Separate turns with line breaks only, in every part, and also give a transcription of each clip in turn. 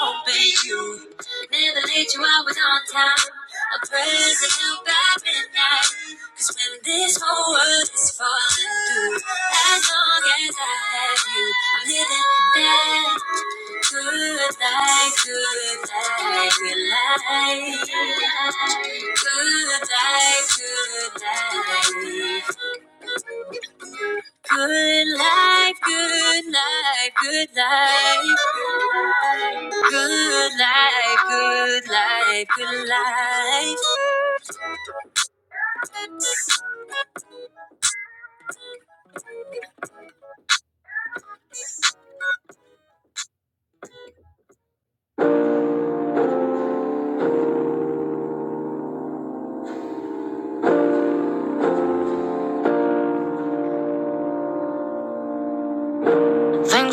Obey you. Never late, you always on time. A present help at midnight. Cause when this whole world is falling through, as long as I have you, I'm living that good life, good life, good life. Good life, good life. Good life, good life, good life. Good life, good life, good life. Think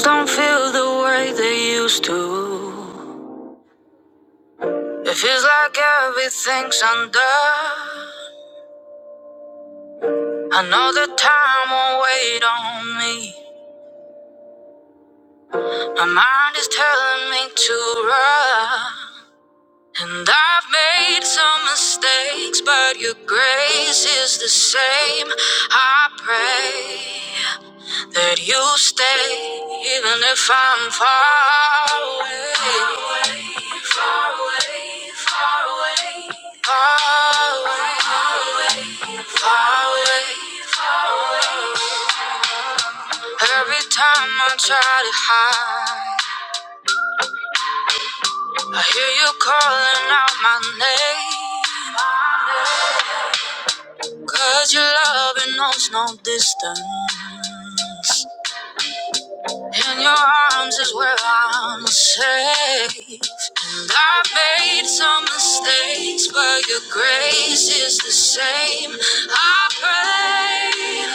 I know I ain't try. And I've made some mistakes, but your grace is the same. I pray that you stay, even if I'm far away. Far away, far away. Every time I try to hide, I hear you calling out my name. Cause your loving knows no distance. In your arms is where I'm safe. And I made some mistakes, but your grace is the same. I pray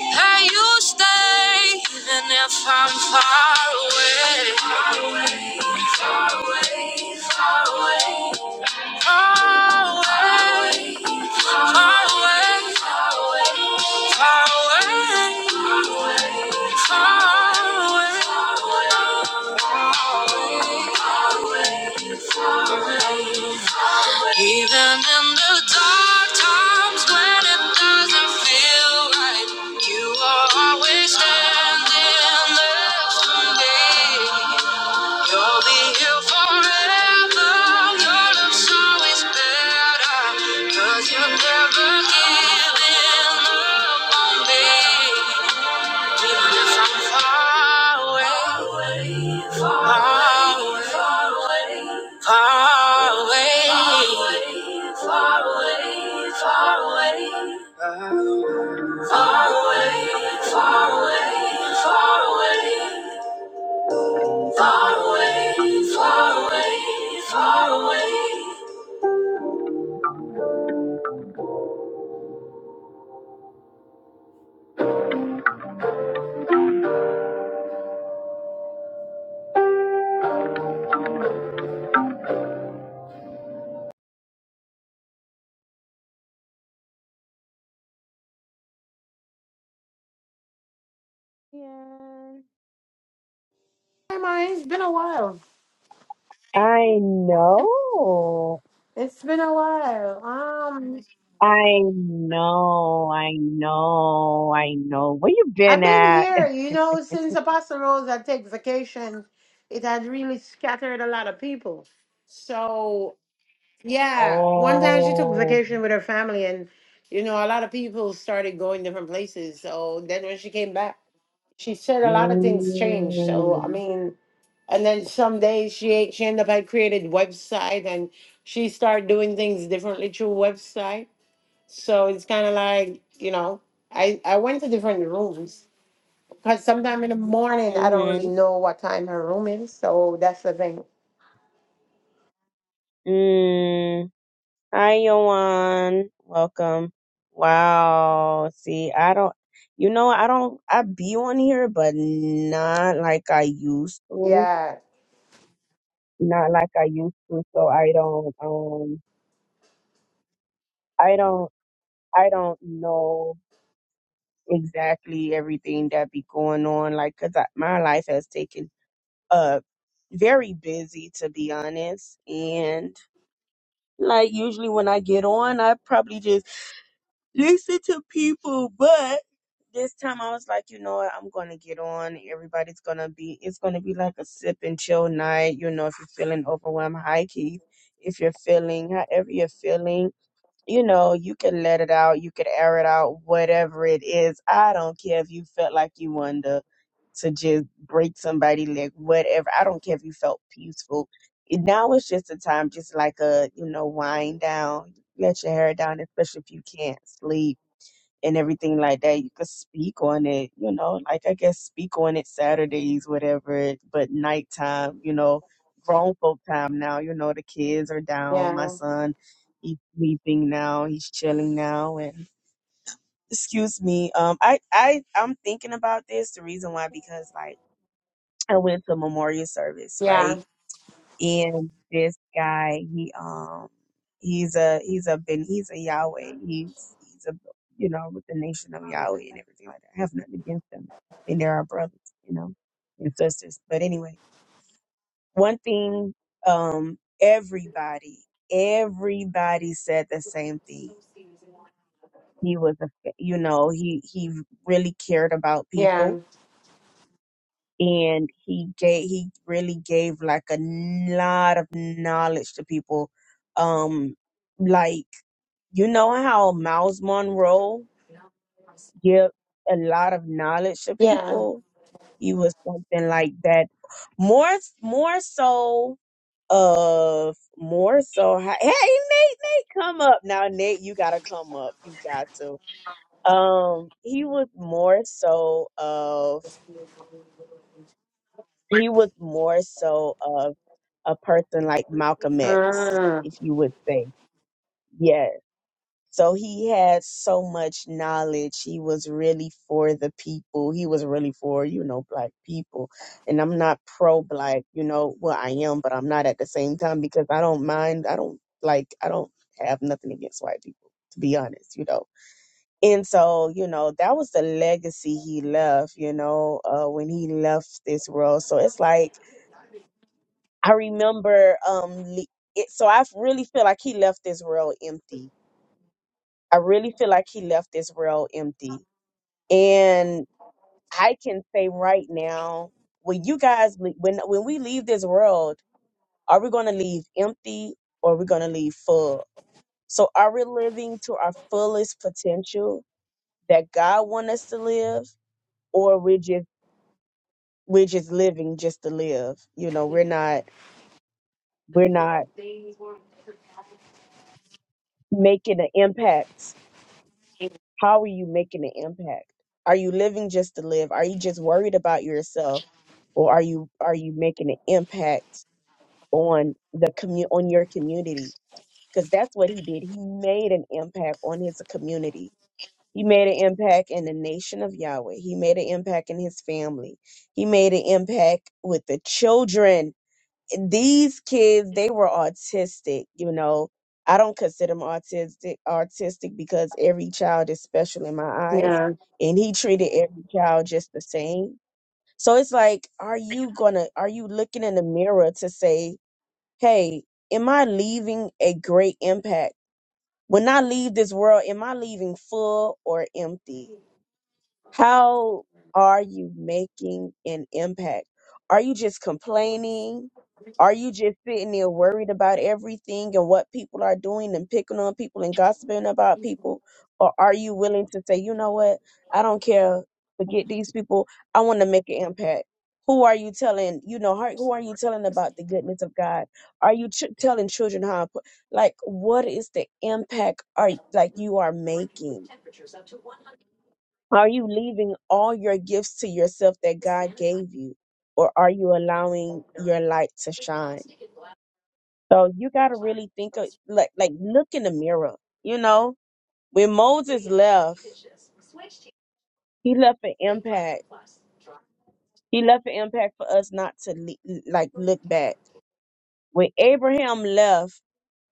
that you stay, even if I'm far away. Far away, far away. Away, away, away, away. Even in the dark times when it doesn't feel right, you are always standing next to me. You'll be here forever. Your love's always better. 'cause you never give in up on me. Far away, far away, far away.
Hi, Maya. It's been a while.
I know.
It's been a while. Um,
I know. I know. I know. Where you
I've
been
been
at?
here, you know, since Apostle Rose had take vacation. It had really scattered a lot of people. So yeah, one time she took
Oh.
vacation with her family, and you know, a lot of people started going different places. So then when she came back, she said a lot of things changed. So I
Mm.
mean, and then some days she she ended up had created website and she started doing things differently through website So it's kind of like, you know, I, I went to different rooms because sometime in the morning I don't really
Mhm.
know what time her room is. So that's the thing.
Mm. Hi, Yoan. Welcome. Wow. See, I don't, you know, I don't, I be on here, but not like I used to.
Yeah,
Not like I used to. So I don't, um, I don't, I don't know exactly everything that be going on. Like, cause I, my life has taken a very busy, to be honest. And like, usually when I get on, I probably just listen to people, but this time I was like, you know what, I'm gonna get on. Everybody's gonna be it's gonna be like a sip and chill night, you know, if you're feeling overwhelmed, hi Keith. If you're feeling however you're feeling you know, you can let it out, you can air it out, whatever it is. I don't care if you felt like you wanted to, to just break somebody leg, whatever. I don't care if you felt peaceful. And Now it's just a time, just like a, you know, wind down, let your hair down, especially if you can't sleep and everything like that. You could speak on it, you know, like I guess speak on it Saturdays, whatever, it- but nighttime, you know, grown folk time now, you know, the kids are down. My
yeah,
son, he's sleeping now, he's chilling now and excuse me. Um I, I I'm thinking about this. The reason why because like I went to memorial service, right?
yeah,
and this guy he um he's a he's a ben he's a Yahweh he's he's a you know with the nation of Yahweh and everything like that. I have nothing against them, and they're our brothers, you know, and sisters. But anyway, one thing um everybody everybody said the same thing. He was a you know he he really cared about people
yeah,
and he gave he really gave like a lot of knowledge to people um like you know how miles monroe give a lot of knowledge to
yeah.
people he was something like that more more so of more so hey nate nate come up now nate you gotta come up you got to um he was more so of he was more so of. a person like Malcolm X,
Mm,
if you would say. Yes. So he had so much knowledge. He was really for the people. He was really for, you know, black people. And I'm not pro black, you know, well, I am, but I'm not at the same time because I don't mind. I don't like, I don't have nothing against white people, to be honest, you know. And so, you know, that was the legacy he left, you know, uh, when he left this world. So it's like, I remember um le- it, so I really feel like he left this world empty. I really feel like he left this world empty. And I can say right now, when you guys le- when when we leave this world, are we going to leave empty or are we going to leave full? So are we living to our fullest potential that God want us to live or we're just we're just living just to live. You know, we're not we're not making an impact How are you making an impact? Are you living just to live? Are you just worried about yourself, or are you are you making an impact on the commu- on your community? Because that's what he did. He made an impact on his community. He made an impact in the nation of Yahweh. He made an impact in his family. He made an impact with the children these kids they were autistic you know i don't consider him autistic autistic because every child is special in my eyes
yeah.
and he treated every child just the same so it's like are you gonna are you looking in the mirror to say hey am i leaving a great impact when i leave this world am i leaving full or empty how are you making an impact? Are you just complaining? Are you just sitting there worried about everything and what people are doing and picking on people and gossiping about people? Or are you willing to say, you know what? I don't care. Forget these people. I want to make an impact. Who are you telling? You know, har- who are you telling about the goodness of God? Are you ch- telling children how? impo- Like, what is the impact? Are like you are making? Are you leaving all your gifts to yourself that God gave you, or are you allowing your light to shine? So you got to really think of like like look in the mirror. You know, when Moses left, he left an impact. He left an impact for us not to le- like look back. When Abraham left,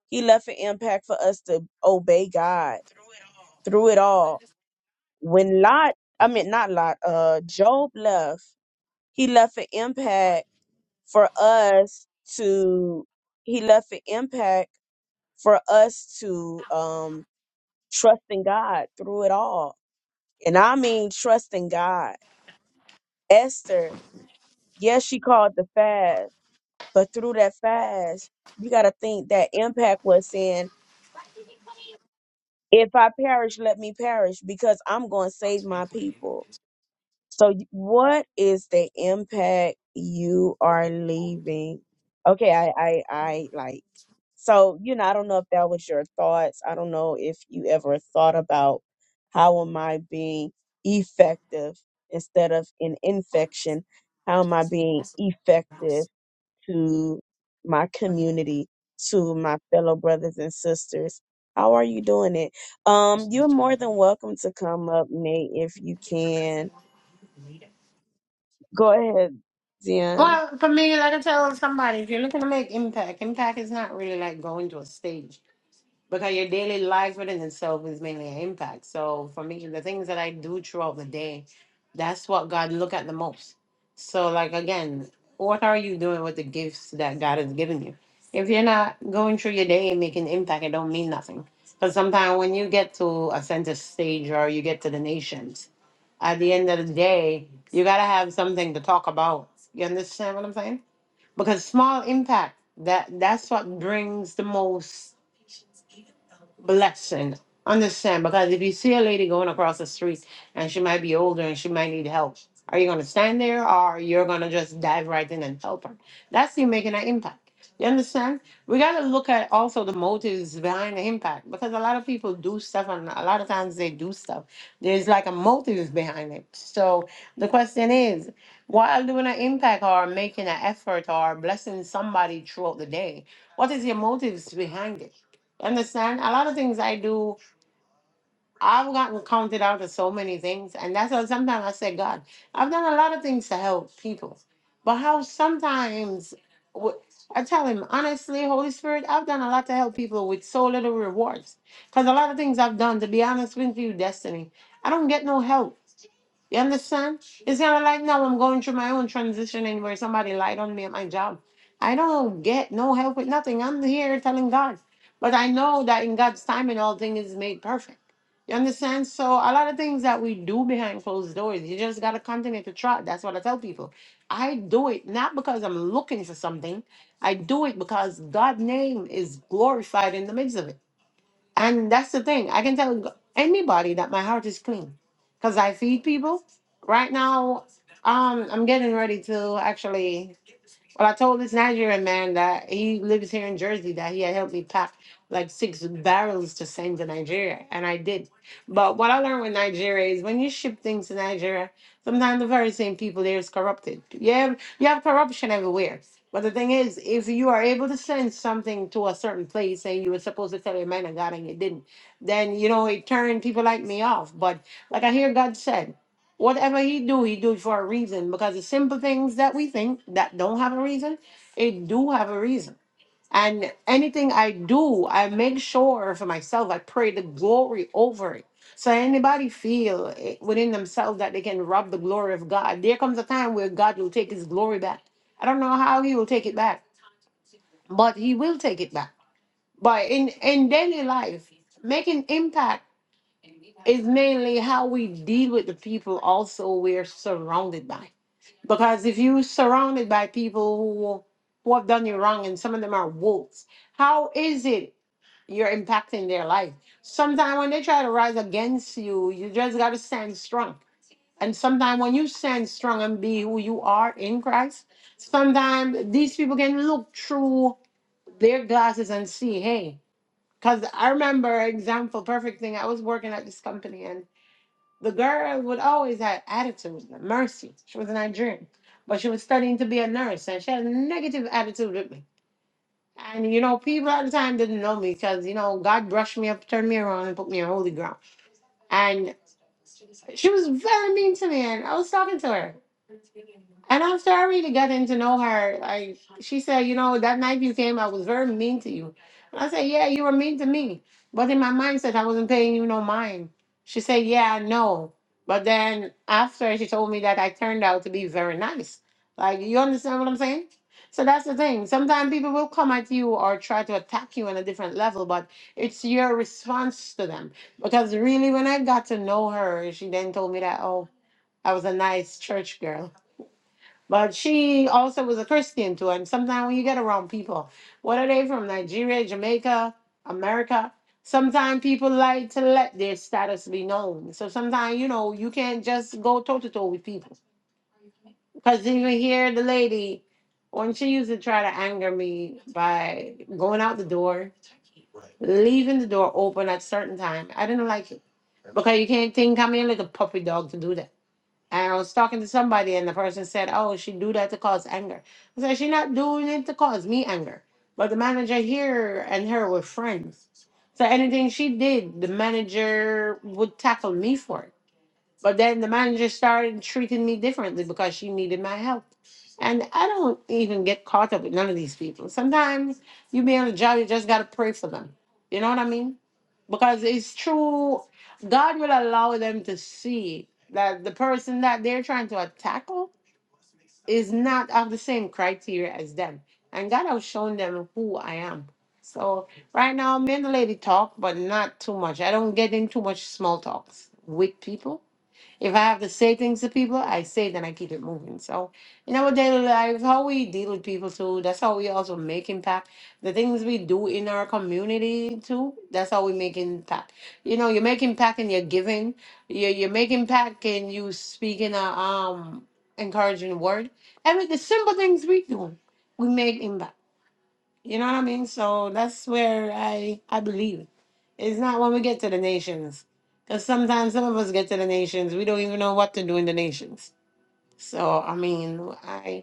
he left an impact for us to obey God through it all. When Lot, I mean not Lot, uh, Job left, he left an impact for us to he left an impact for us to um trust in God through it all. And I mean trust in God. Esther, yes, she called the fast, but through that fast, you gotta think that impact was saying, if I perish, let me perish, because I'm gonna save my people So, y- what is the impact you are leaving? Okay, I, I, I like. So, you know, I don't know if that was your thoughts. I don't know if you ever thought about how am I being effective instead of an infection? How am I being effective to my community, to my fellow brothers and sisters? How are you doing it? Um, you're more than welcome to come up, Nate, if you can Go ahead, Zion.
Well, for me, like I tell somebody, if you're looking to make impact, impact is not really like going to a stage. because your daily life within itself is mainly an impact. So for me, the things that I do throughout the day, that's what God look at the most. So like again, what are you doing with the gifts that God has given you? If you're not going through your day and making impact, it don't mean nothing. Because sometimes when you get to a center stage or you get to the nations, at the end of the day, you gotta have something to talk about. You understand what I'm saying? Because small impact that that's what brings the most blessing. Understand? Because if you see a lady going across the street and she might be older and she might need help, are you gonna stand there or you're gonna just dive right in and help her? That's you making an impact. You understand? We gotta look at also the motives behind the impact because a lot of people do stuff and a lot of times they do stuff. There's like a motive behind it. So the question is, while doing an impact or making an effort or blessing somebody throughout the day, what is your motives behind it? Understand? A lot of things I do, I've gotten counted out of so many things. And that's how sometimes I say, God, I've done a lot of things to help people. But how sometimes wh- I tell him, honestly, Holy Spirit, I've done a lot to help people with so little rewards. Because a lot of things I've done, to be honest with you, Destiny, I don't get no help. You understand? It's kind of like now I'm going through my own transition and where somebody lied on me at my job. I don't get no help with nothing. I'm here telling God. But I know that in God's timing, all things is made perfect. You understand? So a lot of things that we do behind closed doors, you just got to continue to try. That's what I tell people. I do it not because I'm looking for something. I do it because God's name is glorified in the midst of it. And that's the thing. I can tell g- anybody that my heart is clean because I feed people. Right now, um, I'm getting ready to actually. Well, I told this Nigerian man that he lives here in Jersey that he had helped me pack like six barrels to send to Nigeria, and I did. But what I learned with Nigeria is when you ship things to Nigeria, sometimes the very same people there is corrupted. Yeah, you have corruption everywhere. But the thing is, if you are able to send something to a certain place and you were supposed to tell a man of God and you didn't, then you know it turned people like me off. But like I hear God said whatever he do, he do it for a reason because the simple things that we think that don't have a reason, it do have a reason. And anything I do, I make sure for myself, I pray the glory over it. So anybody feel it within themselves that they can rob the glory of God. There comes a time where God will take his glory back. I don't know how he will take it back, but he will take it back. But in, in daily life, making impact is mainly how we deal with the people also we're surrounded by because if you're surrounded by people who who have done you wrong and some of them are wolves, how is it you're impacting their life? Sometimes when they try to rise against you, you just gotta stand strong. And sometimes when you stand strong and be who you are in Christ, sometimes these people can look through their glasses and see, hey, because I remember example, perfect thing. I was working at this company and. The girl would always have attitude, mercy. She was a Nigerian, but she was studying to be a nurse, and she had a negative attitude with me. And you know, people at the time didn't know me because you know God brushed me up, turned me around, and put me on holy ground. And she was very mean to me, and I was talking to her. And after I really got in to know her, like she said, you know, that night you came, I was very mean to you. I said, Yeah, you were mean to me. But in my mindset, I wasn't paying you no mind. She said, Yeah, I know. But then after she told me that I turned out to be very nice. Like you understand what I'm saying? So that's the thing. Sometimes people will come at you or try to attack you on a different level, but it's your response to them. Because really when I got to know her, she then told me that, oh, I was a nice church girl. But she also was a Christian too. And sometimes when you get around people, what are they from? Nigeria, Jamaica, America? Sometimes people like to let their status be known. So sometimes, you know, you can't just go toe to toe with people. Because even here, the lady, when she used to try to anger me by going out the door, leaving the door open at certain time, I didn't like it. Because you can't think I'm a little puppy dog to do that. And I was talking to somebody, and the person said, "Oh, she do that to cause anger." I said, "She not doing it to cause me anger." But the manager here and her were friends, so anything she did, the manager would tackle me for it. But then the manager started treating me differently because she needed my help. And I don't even get caught up with none of these people. Sometimes you be on a job, you just gotta pray for them. You know what I mean? Because it's true, God will allow them to see that the person that they're trying to tackle is not of the same criteria as them. And God has shown them who I am. So right now me and the lady talk, but not too much. I don't get in too much small talks with people if I have to say things to people, I say it, and I keep it moving. So in our daily lives, how we deal with people too, that's how we also make impact. The things we do in our community too, that's how we make impact. You know, you make impact in your giving, you you make impact in you speaking a um encouraging word. Every the simple things we do, we make impact. You know what I mean? So that's where I I believe. It's not when we get to the nations, because sometimes some of us get to the nations, we don't even know what to do in the nations. So I mean, I.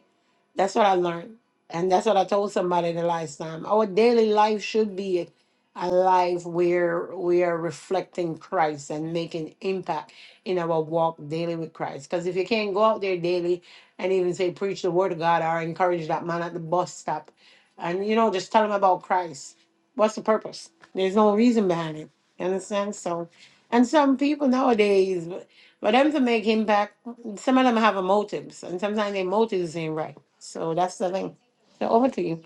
That's what I learned. And that's what I told somebody the last time. Our daily life should be a life where we are reflecting Christ and making impact in our walk daily with Christ. Because if you can't go out there daily and even say, preach the word of God or encourage that man at the bus stop and, you know, just tell him about Christ, what's the purpose? There's no reason behind it. You understand? So, and some people nowadays, for them to make him back, some of them have a motives, and sometimes their motives ain't right. So that's the thing. So over to you.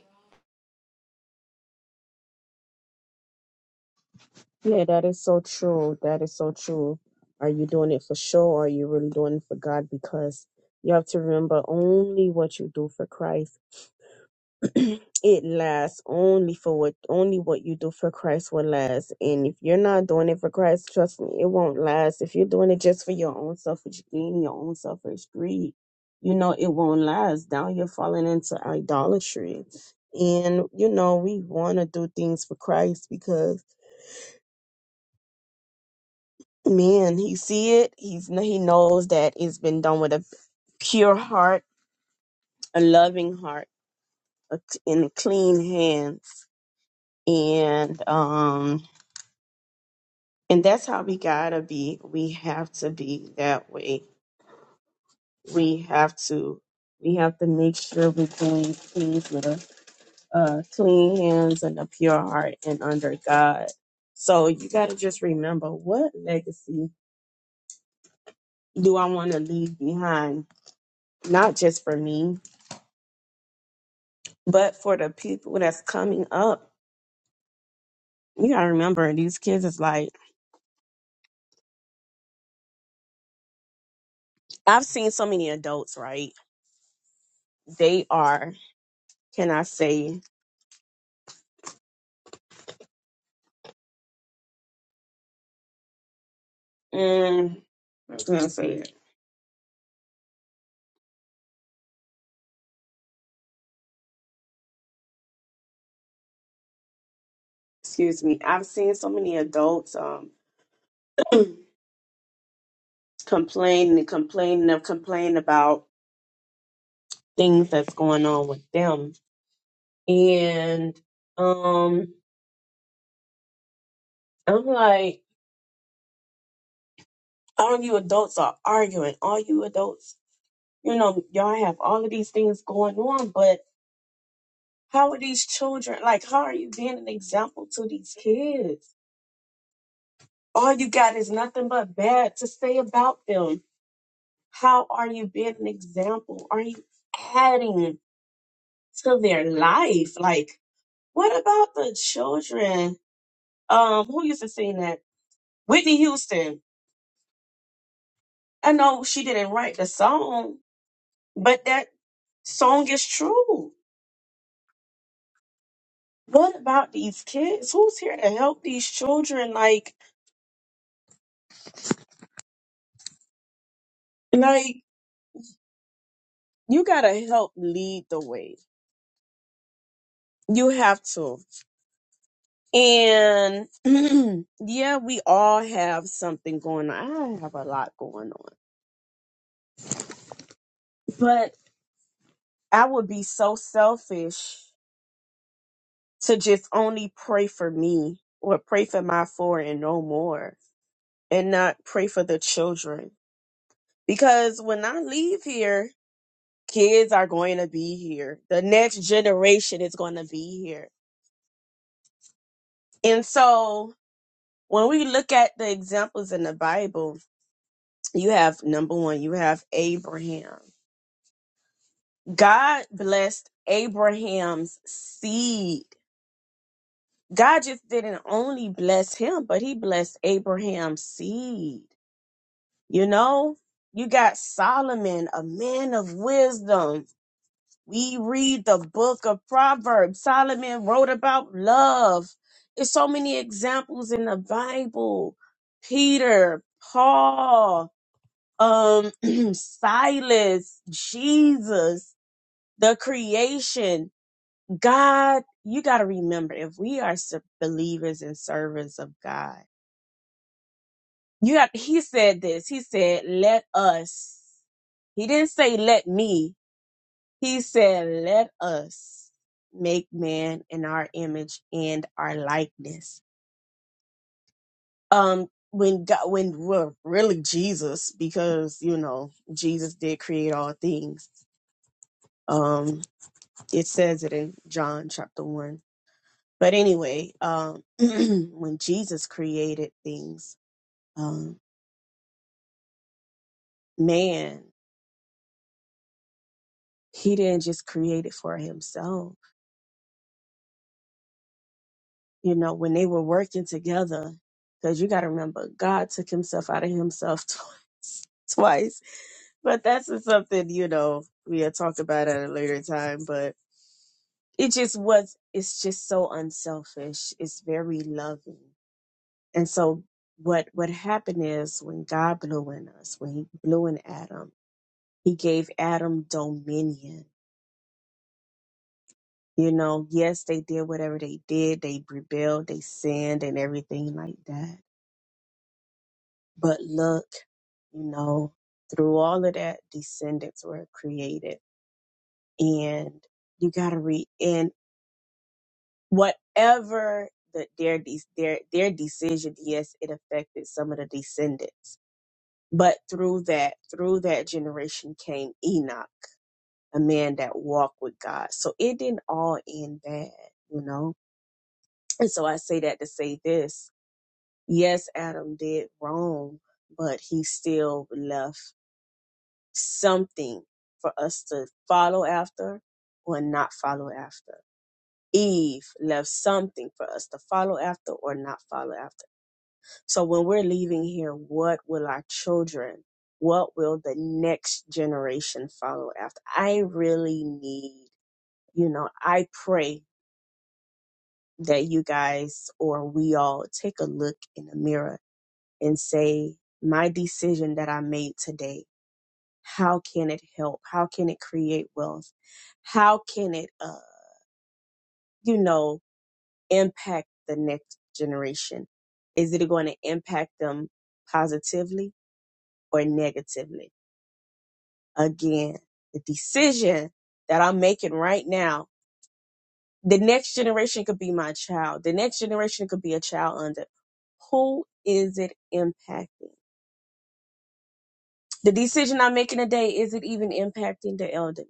Yeah, that is so true. That is so true. Are you doing it for show or are you really doing it for God? Because you have to remember only what you do for Christ. it lasts only for what only what you do for Christ will last. And if you're not doing it for Christ, trust me, it won't last. If you're doing it just for your own selfish gain, your own selfish greed, you know it won't last. Now you're falling into idolatry. And you know we want to do things for Christ because man, he see it. He's he knows that it's been done with a pure heart, a loving heart, a, and clean hands. And um And that's how we gotta be. We have to be that way. We have to. We have to make sure we're doing things with a uh, clean hands and a pure heart and under God. So you gotta just remember what legacy do I want to leave behind? Not just for me, but for the people that's coming up. You gotta remember these kids is like I've seen so many adults, right? They are, can I say, mm, excuse me, I've seen so many adults um complaining and complaining and complaining about things that's going on with them. And um I'm like, all you adults are arguing, all you adults, you know, y'all have all of these things going on, but how are these children like how are you being an example to these kids? All you got is nothing but bad to say about them. How are you being an example? Are you adding? to their life. Like, what about the children? Um, who used to sing that? Whitney Houston. I know she didn't write the song, but that song is true. What about these kids? Who's here to help these children? Like, like you gotta help lead the way. You have to. And yeah, we all have something going on. I have a lot going on. But I would be so selfish to just only pray for me or pray for my four and no more and not pray for the children. Because when I leave here, kids are going to be here. The next generation is going to be here. And so when we look at the examples in the Bible, you have number one, you have Abraham. God blessed Abraham's seed. God just didn't only bless him, but he blessed Abraham's seed. You know, you got Solomon, a man of wisdom. We read the book of Proverbs. Solomon wrote about love. There's so many examples in the Bible. Peter, Paul, um, Silas, Jesus, the creation, God. You got to remember, if we are s- believers and servants of God, You have he said this. He said, "Let us." He didn't say let me. He said, "Let us make man in our image and our likeness." Um when God, when well, really Jesus because you know, Jesus did create all things. Um it says it in John chapter 1. But anyway, um when Jesus created things, um man, he didn't just create it for himself you know, when they were working together, because you got to remember, God took himself out of himself twice, twice. But that's just something, you know, we'll talk about at a later time. But it just was, it's just so unselfish. It's very loving. And so what, what happened is when God blew in us, when he blew in Adam, he gave Adam dominion. You know, yes, they did whatever they did. They rebelled, they sinned and everything like that But look, you know, through all of that, descendants were created. And you got to read And whatever the, their, de- their, their decision, yes, it affected some of the descendants. But through that, through that generation came Enoch, a man that walked with God. So it didn't all end bad, you know? And so I say that to say this. Yes, Adam did wrong, but he still left something for us to follow after or not follow after. Eve left something for us to follow after or not follow after. So when we're leaving here, what will our children, what will the next generation follow after? I really need, you know, I pray that you guys or we all take a look in the mirror and say, my decision that I made today how can it help how can it create wealth how can it uh, you know impact the next generation is it going to impact them positively or negatively again the decision that i'm making right now the next generation could be my child the next generation could be a child under who is it impacting The decision I'm making today, is it even impacting the elderly?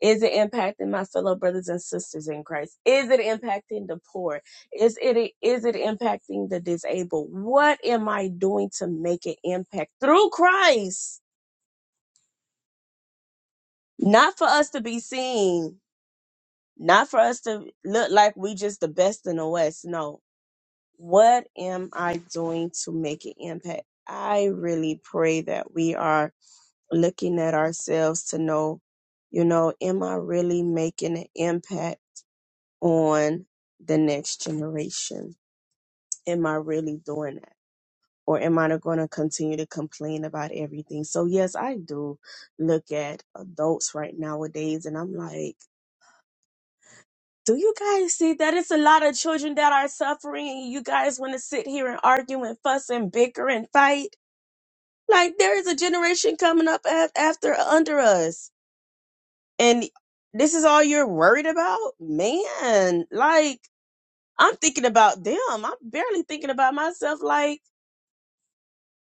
Is it impacting my fellow brothers and sisters in Christ? Is it impacting the poor? Is it is it impacting the disabled? What am I doing to make an impact through Christ? Not for us to be seen, not for us to look like we just the best in the West. No. What am I doing to make an impact? I really pray that we are looking at ourselves to know, you know, am I really making an impact on the next generation? Am I really doing that? Or am I going to continue to complain about everything? So, yes, I do look at adults right nowadays and I'm like, do you guys see that it's a lot of children that are suffering? and You guys want to sit here and argue and fuss and bicker and fight? Like, there is a generation coming up af- after under us and this is all you're worried about man like i'm thinking about them i'm barely thinking about myself like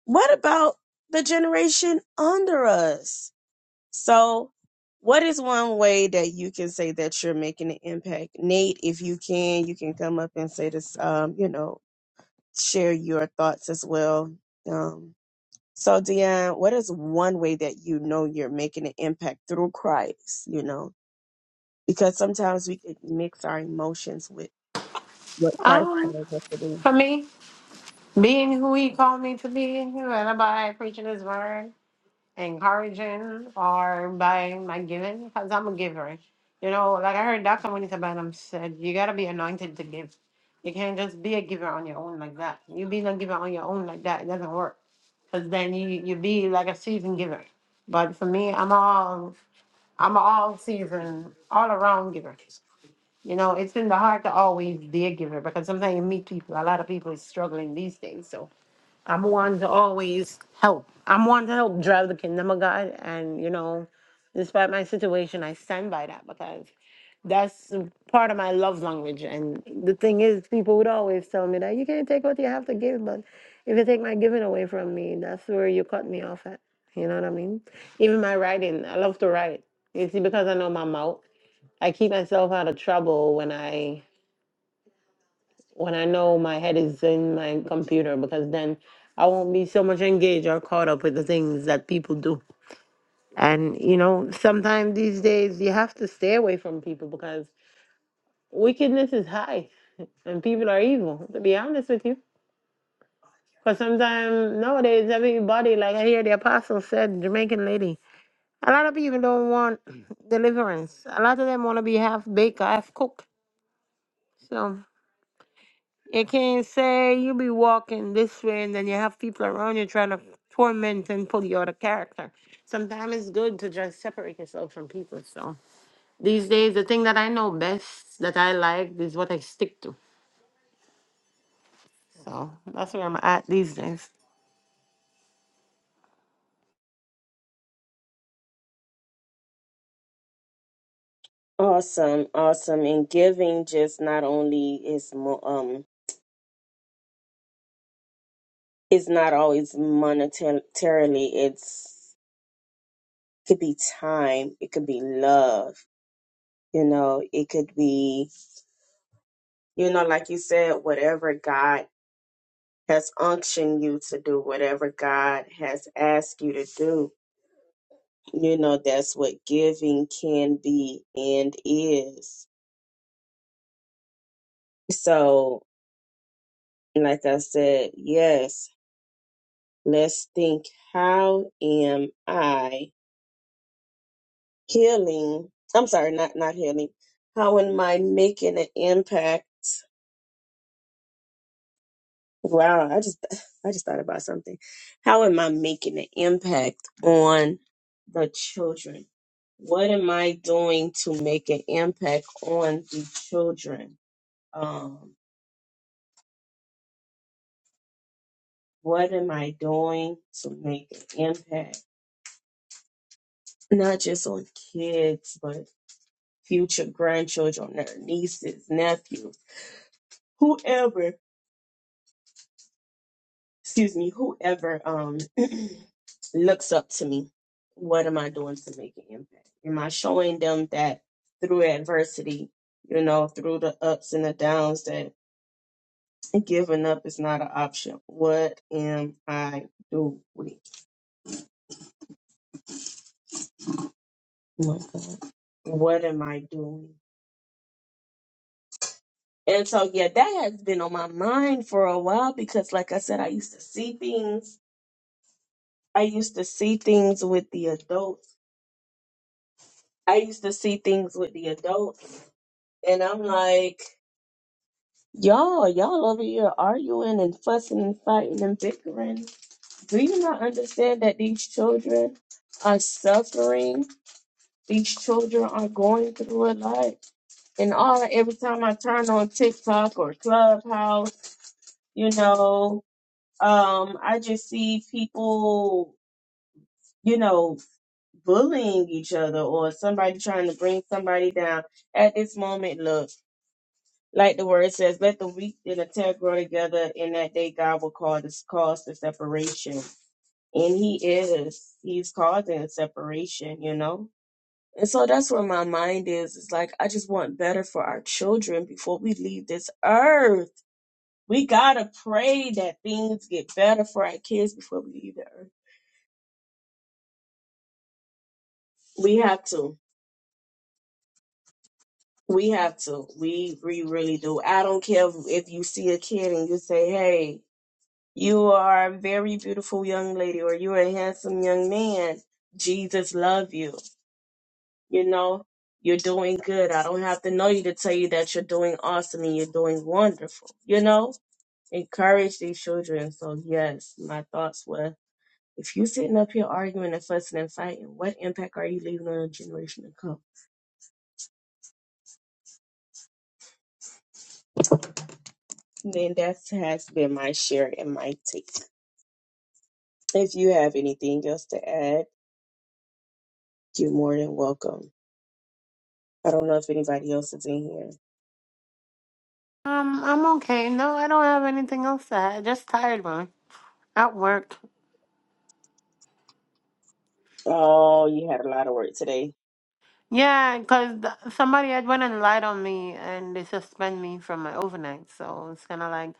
what about the generation under us so what is one way that you can say that you're making an impact nate if you can you can come up and say this um you know share your thoughts as well um so Dion, what is one way that you know you're making an impact through Christ? You know, because sometimes we can mix our emotions with what Christ
Um,
calls us to do.
for me, being who he called me to be, whether by preaching his word, encouraging, or by my giving, because I'm a giver. You know, like I heard Dr. Juanita Bynum said, you got to be anointed to give. You can't just be a giver on your own like that. You be a giver on your own like that, it doesn't work. Because then you, you be like a season giver. But for me, I'm all I'm an all season, all around giver. You know, it's in the heart to always be a giver because sometimes you meet people, a lot of people is struggling these days. So I'm one to always help. I'm one to help drive the kingdom of God. And, you know, despite my situation, I stand by that because that's part of my love language. And the thing is, people would always tell me that you can't take what you have to give, but if you take my giving away from me, that's where you cut me off at. You know what I mean? Even my writing, I love to write. You see, because I know my mouth, I keep myself out of trouble when I when I know my head is in my computer because then I won't be so much engaged or caught up with the things that people do. And you know, sometimes these days you have to stay away from people because wickedness is high and people are evil, to be honest with you. Because sometimes nowadays, everybody, like I hear the apostle said, Jamaican lady, a lot of people don't want deliverance. A lot of them want to be half baked, half cooked. So you can't say you be walking this way and then you have people around you trying to torment and pull you out of character. Sometimes it's good to just separate yourself from people. So these days, the thing that I know best that I like is what I stick to. So that's where I'm at these days.
Awesome, awesome, and giving just not only is mo- um is not always monetarily. It's could be time, it could be love, you know, it could be you know, like you said, whatever God has unctioned you to do, whatever God has asked you to do, you know, that's what giving can be and is. So And like I said, yes, let's think how am I healing? I'm sorry, not not healing. How am I making an impact? Wow, I just I just thought about something. How am I making an impact on the children? What am I doing to make an impact on the children? Um, what am I doing to make an impact? Not just on kids, but future grandchildren, their nieces, nephews, whoever, excuse me, whoever um looks up to me, what am I doing to make an impact? Am I showing them that through adversity, you know, through the ups and the downs that giving up is not an option? What am I doing? Oh my God. What am I doing? And so yeah, that has been on my mind for a while because like I said, I used to see things I used to see things with the adults. I used to see things with the adults, and I'm like, y'all, y'all over here arguing and fussing and fighting and bickering. Do you not understand that these children are suffering? These children are going through a lot. And all every time I turn on TikTok or Clubhouse, you know, um, I just see people, you know, bullying each other or somebody trying to bring somebody down at this moment look like the word says let the weak and the tear grow together and that day god will call this cause the separation and he is he's causing a separation you know and so that's where my mind is it's like i just want better for our children before we leave this earth we gotta pray that things get better for our kids before we leave the earth we have to We have to. We we really do. I don't care if, if you see a kid and you say, "Hey, you are a very beautiful young lady," or "You're a handsome young man." Jesus love you. You know, you're doing good. I don't have to know you to tell you that you're doing awesome and you're doing wonderful. You know, encourage these children. So yes, my thoughts were: if you sitting up here arguing and fussing and fighting, what impact are you leaving on a generation to come? Then that has been my share and my take. If you have anything else to add, you're more than welcome. I don't know if anybody else is in here.
Um, I'm okay. No, I don't have anything else to add. Just tired, man. At work.
Oh, you had a lot of work today.
Yeah, cause somebody had went and lied on me and they suspend me from my overnight. So it's kind of like,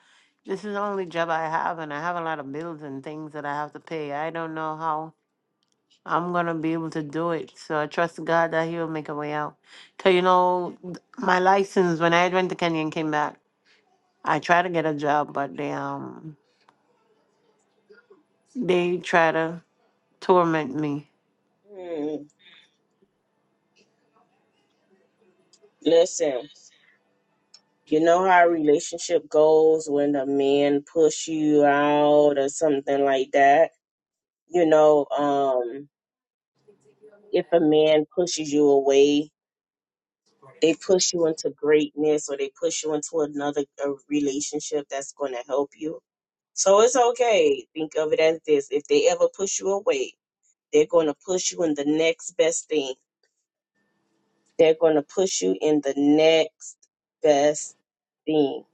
this is the only job I have and I have a lot of bills and things that I have to pay. I don't know how I'm going to be able to do it. So I trust God that He will make a way out. 'Cause you know, th- my license, when I had went to Kenya and came back, I tried to get a job, but they, um, they try to torment me.
Mm, listen, you know how a relationship goes when the men push you out or something like that? You know, um, if a man pushes you away, they push you into greatness or they push you into another a relationship that's going to help you. So it's okay. Think of it as this. If they ever push you away, They're going to push you in the next best thing. They're going to push you in the next best thing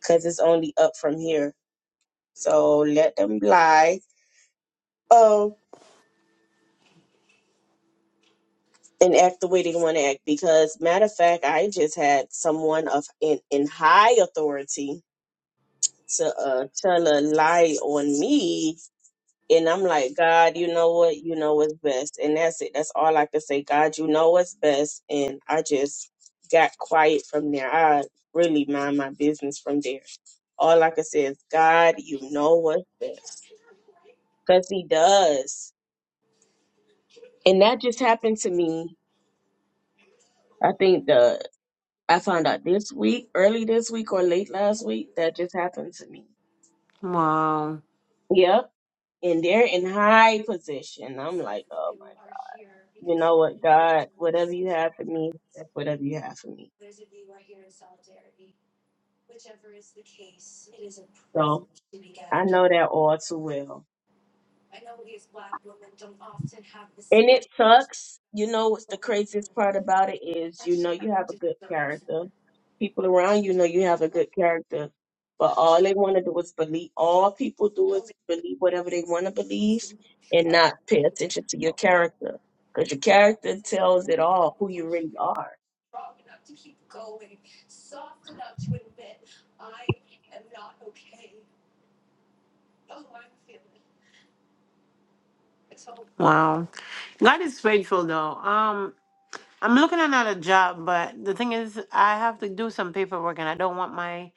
because it's only up from here. So let them lie. Oh, and act the way they want to act. Because matter of fact, I just had someone of in in high authority to uh, tell a lie on me And I'm like, God, you know what? You know what's best. And that's it. That's all I could say. God, you know what's best. And I just got quiet from there. I really mind my business from there. All I could say is, God, you know what's best. Because He does. And that just happened to me. I think the I found out this week, early this week or late last week, that just happened to me.
Wow.
Yep. And they're in high position. I'm like, oh my you know what, God, whatever you have for me, that's whatever you have for me. So I know that all too well. And it sucks. You know what's the craziest part about it is you know you have a good character. People around you know you have a good character. But all they want to do is believe all people do is believe whatever they want to believe and not pay attention to your character. Because your character tells it all who you really are.
Wow. God is faithful though. Um I'm looking at another job, but the thing is I have to do some paperwork and I don't want my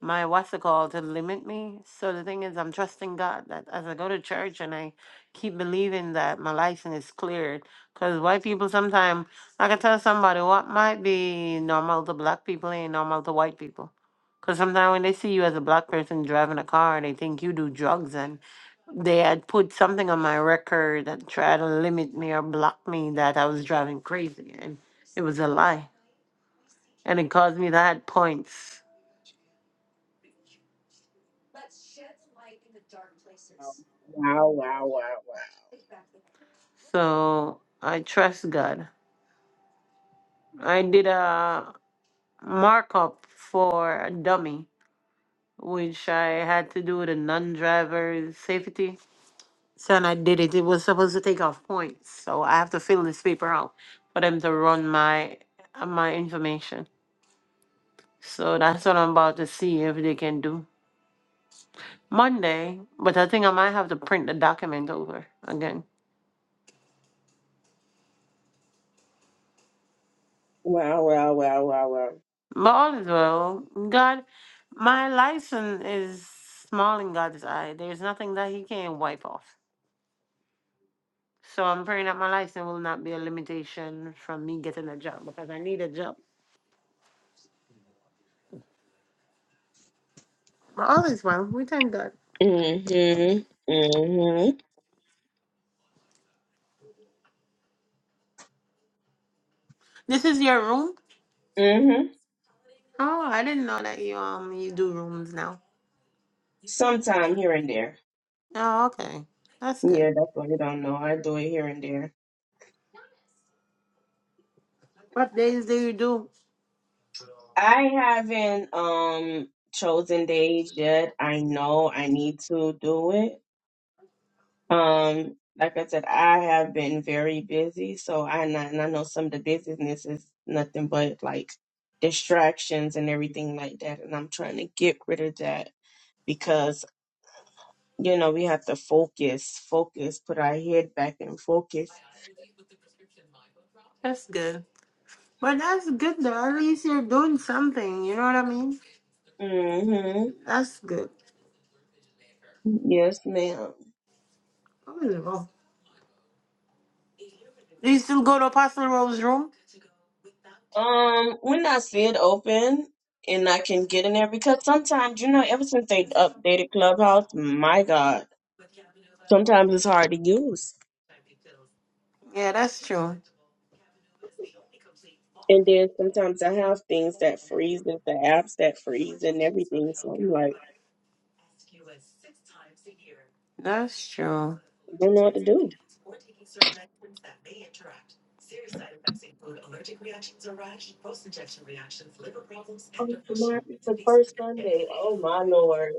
my what's it called to limit me. So the thing is I'm trusting God that as I go to church and I keep believing that my license is cleared. Because white people sometimes I can tell somebody what might be normal to black people ain't normal to white people. Because sometimes when they see you as a black person driving a car, they think you do drugs and they had put something on my record and tried to limit me or block me that I was driving crazy, and it was a lie, and it caused me to add points. So I trust God. I did a markup for a dummy, which I had to do with a non-driver safety. So and I did it. It was supposed to take off points, so I have to fill this paper out for them to run my uh, my information. So that's what I'm about to see if they can do. Monday, but I think I might have to print the document over again.
Wow, wow, wow, wow, wow.
But all is well. God, my license is small in God's eye. There's nothing that He can wipe off. So I'm praying that my license will not be a limitation from me getting a job because I need a job. But all is well. We thank God.
Mm-hmm. Mm-hmm.
This is your room.
Mm-hmm.
Oh, I didn't know that you um you do rooms now.
Sometime here and there.
Oh, okay, that's good.
Yeah, that's what I don't know. I do it here and there.
What days do you do?
I haven't um chosen days yet. I know I need to do it. Um, like I said, I have been very busy, so I and I and I know some of the business is nothing but like distractions and everything like that, and I'm trying to get rid of that because you know we have to focus, focus, put our head back and focus.
That's good. But that's good though. At least you're doing something. You know what I mean?
mm Mhm.
That's good.
Yes, ma'am.
I'm gonna go. Do you still go to Apostle Rose's room?
Um, when I see it open and I can get in there, because sometimes, you know, ever since they updated Clubhouse, my God, sometimes it's hard to use.
Yeah, that's true.
And then sometimes I have things that freeze, and the apps that freeze and everything. So I'm like,
That's true.
I don't know what to do. Oh, tomorrow is the first Sunday. Oh, my Lord.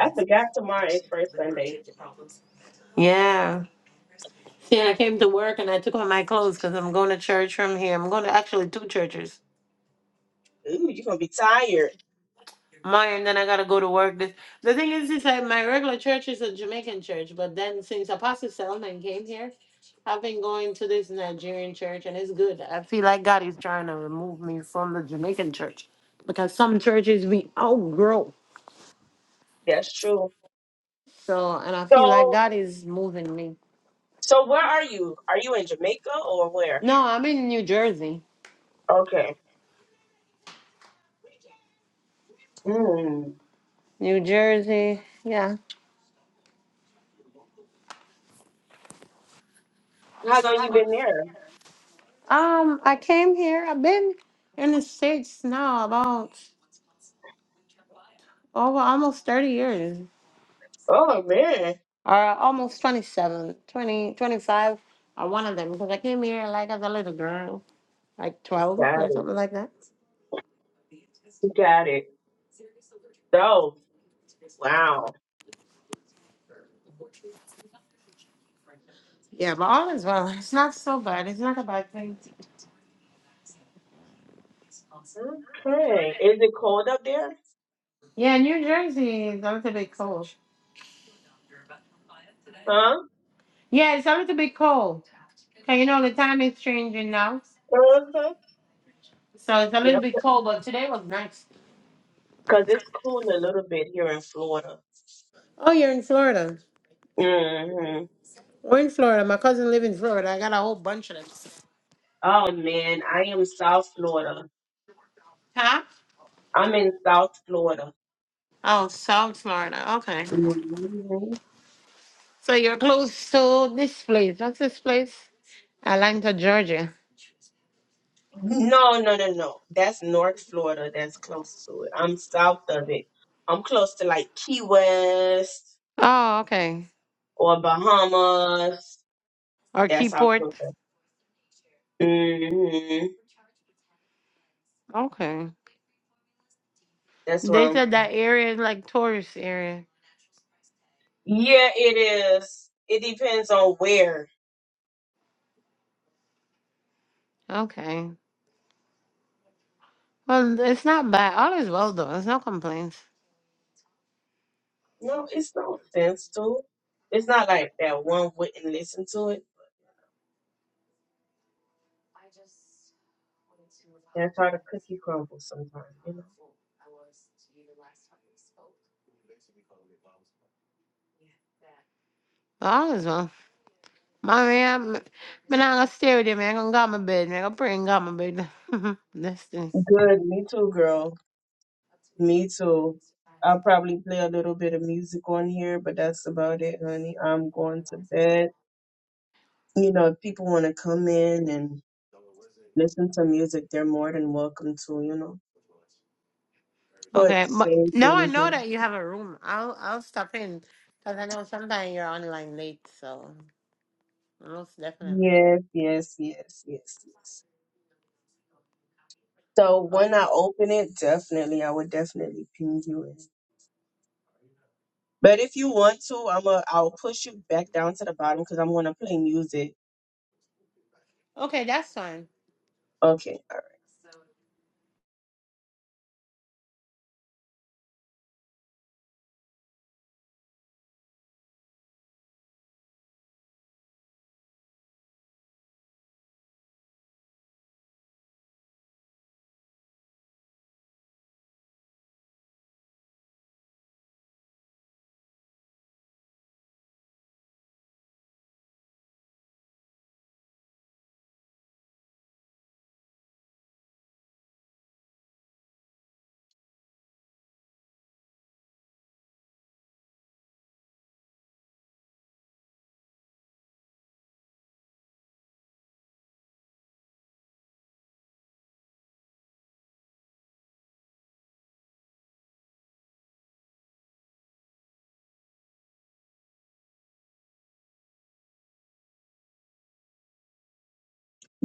I forgot tomorrow is first Sunday.
Yeah. See, I came to work and I took off my clothes because I'm going to church from here. I'm going to actually two churches.
Ooh, you're going to be tired.
Maya, and then I gotta go to work. This the thing is, is that my regular church is a Jamaican church, but then since Apostle Selman came here, I've been going to this Nigerian church, and it's good. I feel like God is trying to remove me from the Jamaican church because some churches we outgrow.
That's true.
So, and I feel like
So,
God is moving me.
so where are you? Are you in Jamaica or where?
No, I'm in New Jersey.
Okay. Mm.
New Jersey, yeah.
How long you been there?
Um, I came here. I've been in the states now about over almost thirty years.
Oh man,
or almost twenty seven, twenty twenty five. 20, or one of them, because I came here like as a little girl, like 12
got
or
it.
something like that.
You got it. So wow.
Yeah, but all is well. It's not so bad. It's not a bad thing.
Okay. Is it cold up there?
Yeah, New Jersey is a little bit cold.
Huh?
Yeah, it's a little bit cold. Okay, you know, the time is changing now.
Uh-huh.
So it's a little
Yep.
bit cold, but today was nice.
Cause it's cool a little bit here in Florida.
Oh, you're in Florida.
hmm
We're in Florida. My cousin live in Florida. I got a whole bunch of them.
Oh man, I am South Florida.
Huh?
I'm in South Florida.
Oh, South Florida. Okay.
hmm
So you're close to this place. What's this place? Atlanta, Georgia.
No, no, no, no. That's North Florida. That's close to it. I'm south of it. I'm close to like Key West
Oh, okay.
or Bahamas.
Or
That's how
Keyport.
close. I hmm
Okay.
That's
They
wrong.
said that area is like tourist area.
Yeah, it is. It depends on where.
Okay. Well, it's not bad. All is well though. There's no complaints.
No, it's no offense to. It's not like that one wouldn't listen to it. That's how the cookie crumbles sometimes, you know.
All is well. Mommy, I'm, I'm not gonna stay with you, man. I'm gonna go on my bed, man. I'm gonna pray and go on my bed. That's it.
Good, me too, girl. Me too. I'll probably play a little bit of music on here, but that's about it, honey. I'm going to bed. You know, if people want to come in and listen to music, they're more than welcome to, you know. But
Okay, but
same
now I
thing here.
know that you have a room. I'll I'll stop in because I know sometimes you're online late, so most definitely.
Yes, yes, yes, yes, yes. So
But
when I open it, definitely, I would definitely ping you in. But if you want to, I'm a, I'll push you back down to the bottom because I'm gonna play music.
okay, that's fine.
Okay.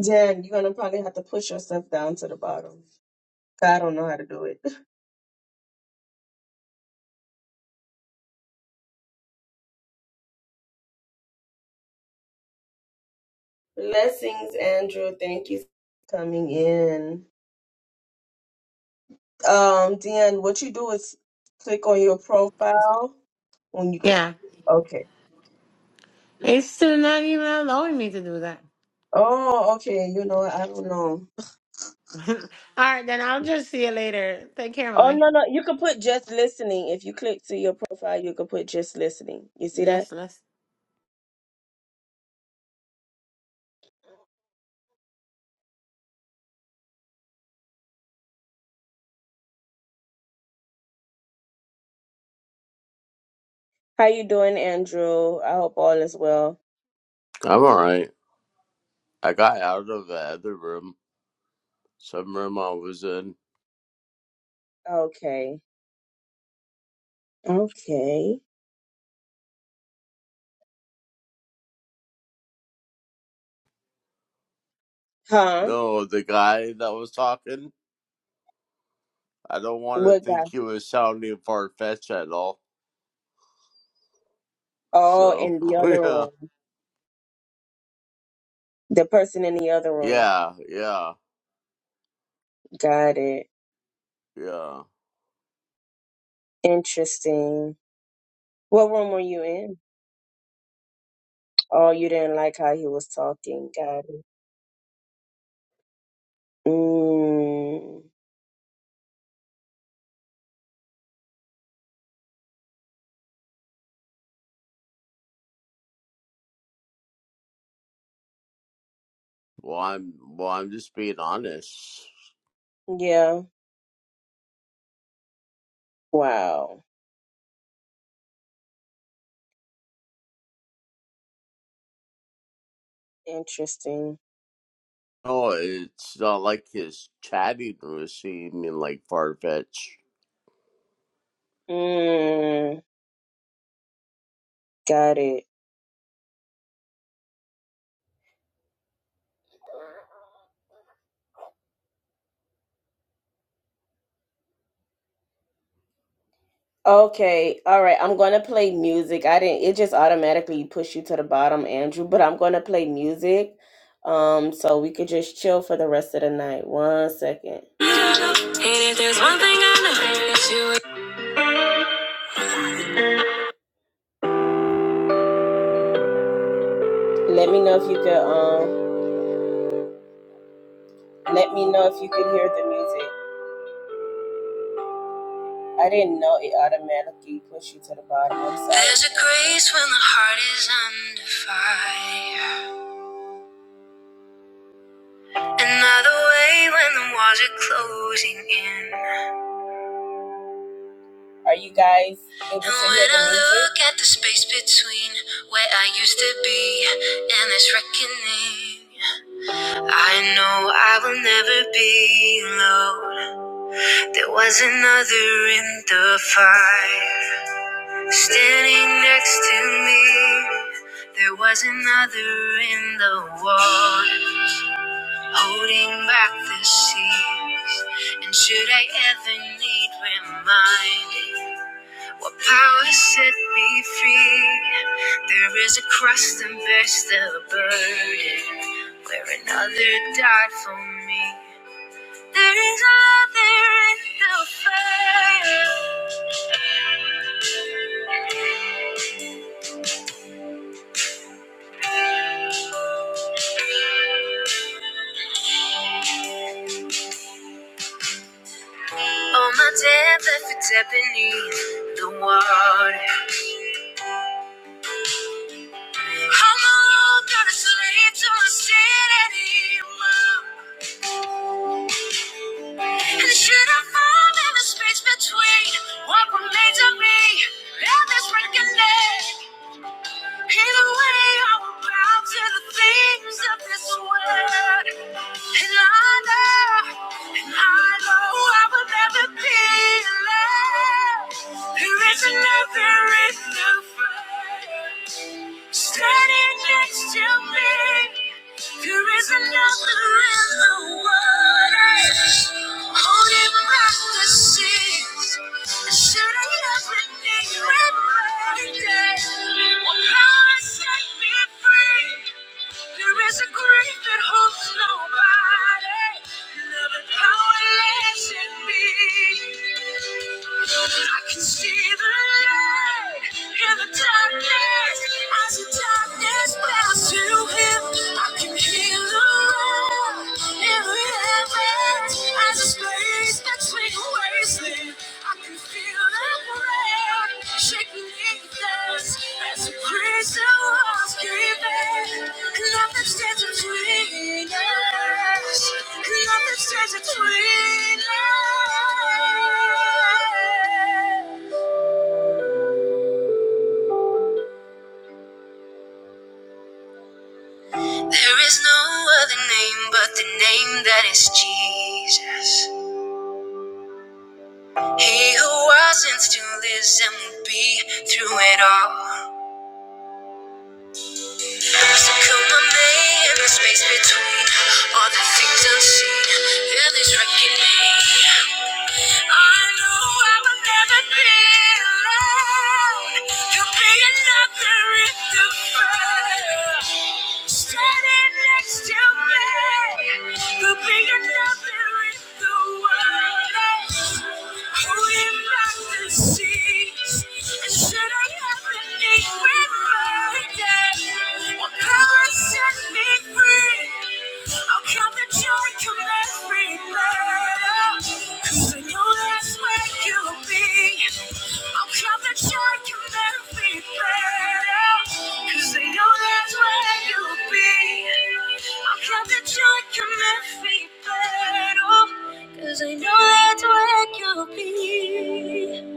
Jen, you're gonna probably have to push yourself down to the bottom. I don't know how to do it. Blessings, Andrew. Thank you for coming in. Um, Deanne, what you do is click on your profile when you click.
Yeah,
Okay.
it's still not even allowing me to do that.
Oh, okay. You know, I don't know.
All right, then I'll just see you later. Take care,
Oh
mommy.
no no, you can put just listening. If you click to your profile, you can put just listening. You see that?
Just let's.
How you doing, Andrew? I hope all is well.
I'm alright. I got out of the other room, some room I was in.
Okay. Okay. Huh?
No, the guy that was talking, I don't want to
What
think
guy?
he was sounding far fetched at all.
Oh,
So,
in the other
yeah,
room. The person in the other room.
yeah, yeah,
Got it.
yeah.
Interesting. What room were you in? Oh, you didn't like how he was talking. Got it. Mm.
Well, I'm, well, I'm just being honest.
Yeah. Wow. Interesting.
No, it's not like his chatting was seeming like far fetched.
Mm. Got it. Okay, all right. I'm gonna play music. I didn't. It just automatically push you to the bottom, Andrew. But I'm gonna play music, um, so we could just chill for the rest of the night. One second. And if there's one thing I know, it's you. Let me know if you could. Um, let me know if you could hear the music. I didn't know it automatically pushed you to the bottom. I'm sorry. There's a grace when the heart is under fire. Another way when the walls are closing in. Are you guys able to hear the music? look at the space between where I used to be and this reckoning, I know I will never be alone. There was another in the fire, standing next to me. There was another in the water, holding back the seas. And should I ever need reminding? What power set me free? There is a cross and bears the burden, where another died for me. There is a other in the fire. All my depth, left it's dead beneath the water. How long got a slave to the anymore. And should I fall in the space between what remains of me and this reckoning? Hid away our mouths In a way, I will bow to the things of this world. And I know, and I know I will never be alone. There is another in the fray, standing next to me. There is another in the water, holding back the seas, and shutting every need with bright day. What power set me free? There is a grief that holds nobody. Love and powerless in me. I can see the light in the darkness. As the darkness bows to him, I can hear the roar in the heavens. As a space between wasting, I can feel the rain shaking in this. As a grace that was given, nothing stands between us. Nothing stands between us. There is no other name but the name that is Jesus. He who was and still lives and will be through it all. So come on, man in the space between all the things unseen. Yeah, this reckoning. I know I will never be alone. You'll be another in the fire. Standing next to me. You'll be another in the world. Cause they know that's where you'll be. I'll count the joy can make me better. Cause I know that's where you'll be.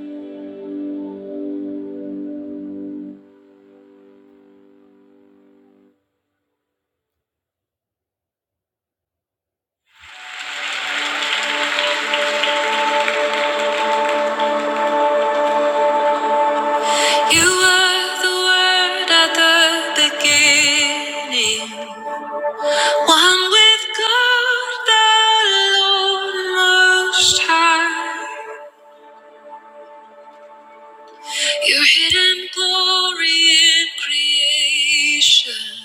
You were the word at the beginning. One with God, the Lord Most High. Your hidden glory in creation.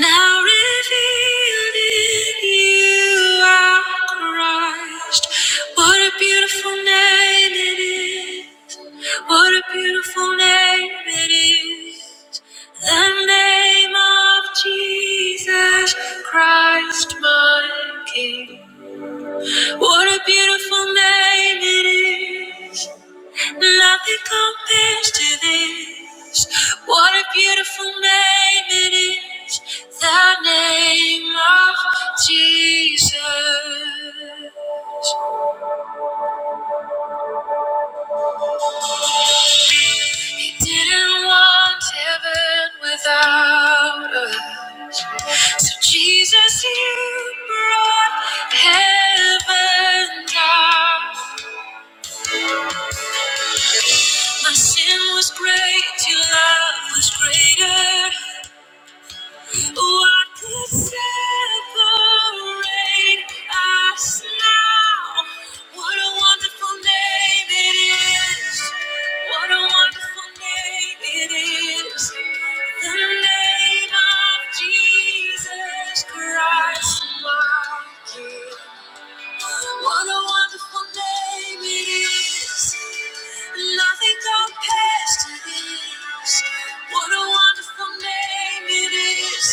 Now revealed in you our Christ. What a beautiful name it is. What a beautiful name it is. The name of Jesus Christ, my King. What a beautiful name it is. Nothing compares to this. What a beautiful name it is. The name of Jesus. He didn't want heaven without us. So Jesus, you brought heaven down. My sin was great, your love was greater. What could separate us now? What a wonderful name it is. What a wonderful name it is. The name of Jesus Christ, my King. What a wonderful name it is. Nothing compares to this. What a wonderful name it is.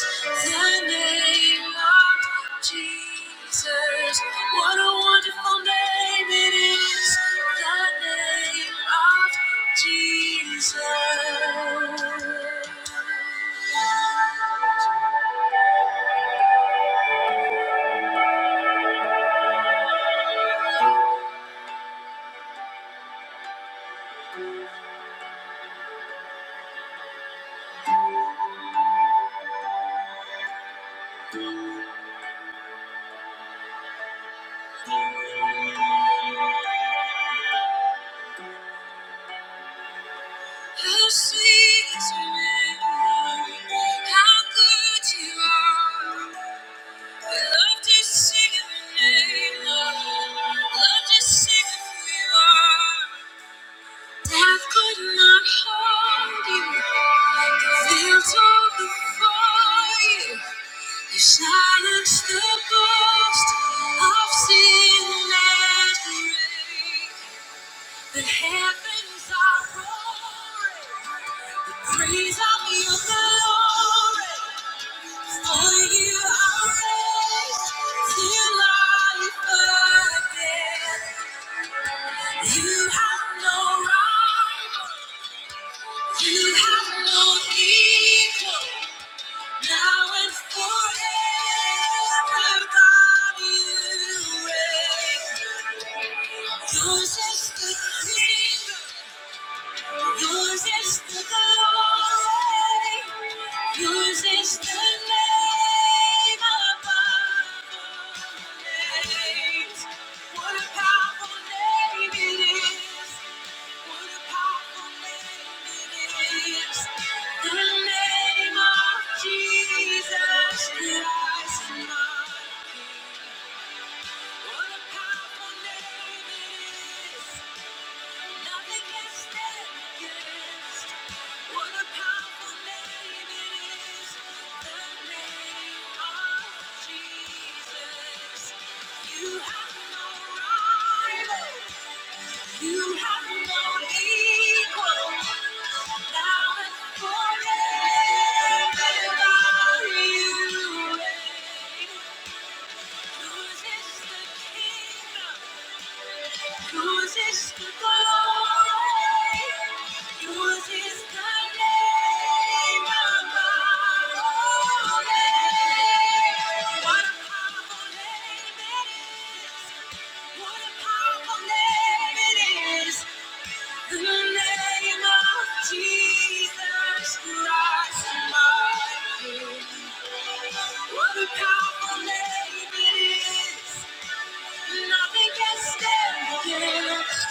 The name of Jesus. What a wonderful name it is. The name of Jesus. How sweet is your name. How good you are. Silence the ghost of sin and grave. The heavens are roaring. The praise of your glory. You're just a dreamer. Yours is the glory. Yours is the name above all names. What a powerful name it is. What a powerful name it is. The name of Jesus Christ, my King. What a powerful name it is. Nothing can stand against what a powerful name it is. The name of Jesus. You have no rival. You have no equal. Now and forever, you reign. Whose is the kingdom? Yours is the glory. Yours is the name above all names. What a powerful name it is. What a powerful name it is. The name of Jesus Christ, my King. What a powerful name it is. Nothing can stand against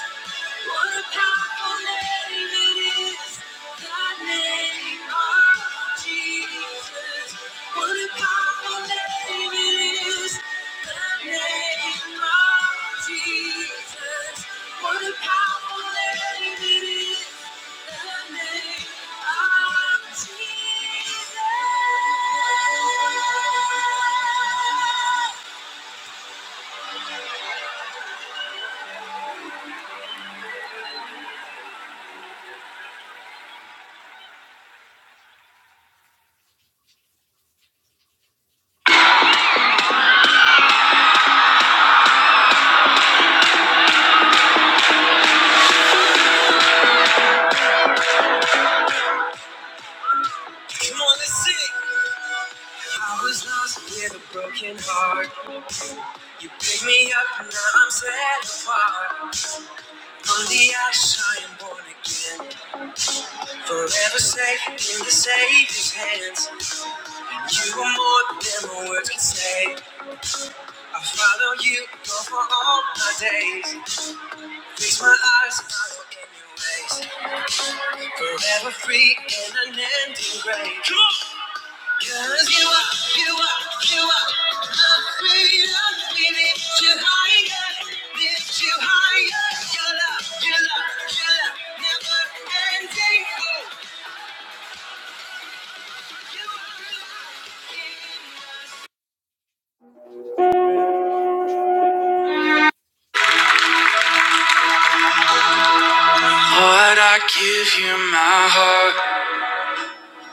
what a powerful name it is. The name of Jesus. What a powerful name it is. The name of Jesus. What a powerful name it is. The name of Jesus. Come on, let's sing. I was lost with a broken heart. You picked me up and now I'm set apart. On the ash I am born again. Forever safe in the Savior's hands. You are more than my words can say. I follow you go for all my days. Fix my eyes, I look in your ways. Forever free in unending grace. Come on. Cause you are, you are, you are afraid of me. Lift you higher, lift you higher. Your love, your love, your love never. Lord, I give you my heart.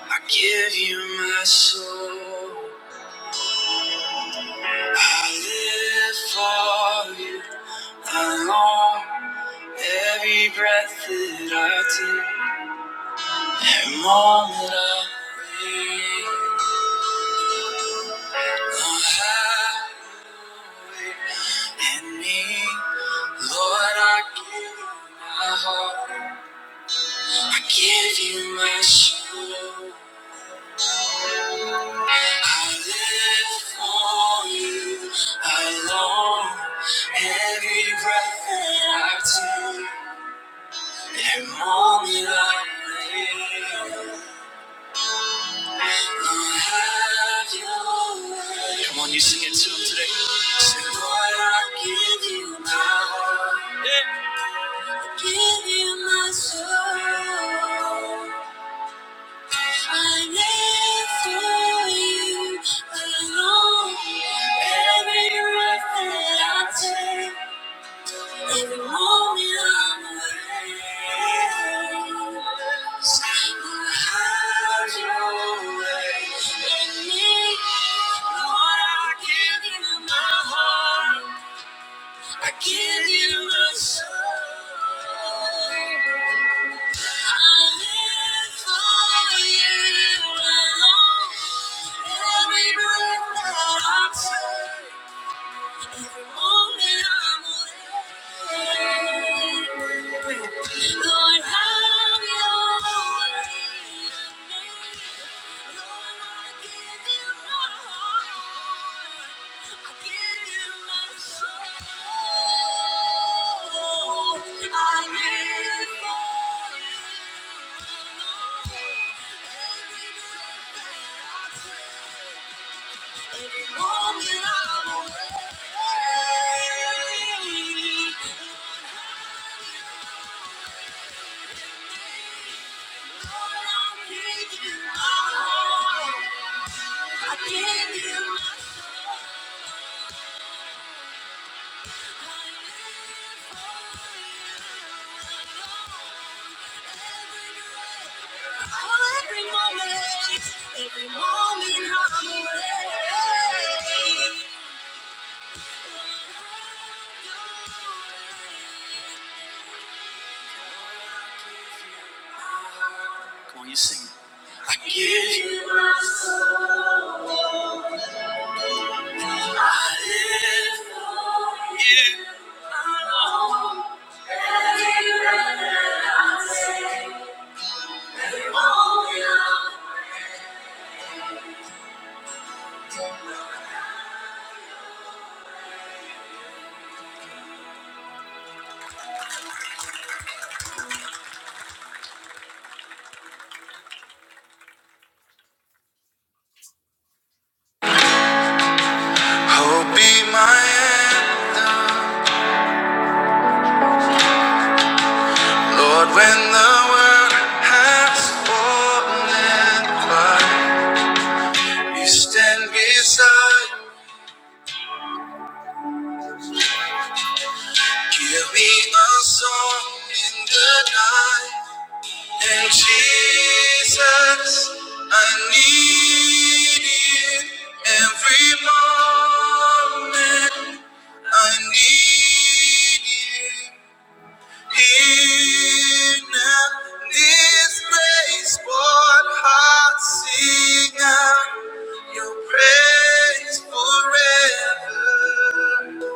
I give you my soul. I live for you alone. Every breath that I take, every moment I breathe. and me. Lord, I give you my heart. I give you my soul. I live for you. I long every breath that I take, every moment I live. Come on, you sing it to him today. Say, Lord, I give you my heart, I give you my soul. I live for you alone. Every breath that I take. Every moment I'm away, Lord, have your way in me. Lord, I give you my heart. I give you my soul. I live for you alone. Every breath that I take. Every moment I'm awake. Lord, have your way in me. Every moment, every moment I'm away. Can you sing. I give you my soul. I live for you alone. Every breath that I take, you only love. Hope be my anthem, Lord, when the world has fallen apart. You stand beside, give me a song in the night. And Jesus, I need you every moment. I need you here now. This place, what heart sing out your praise forever.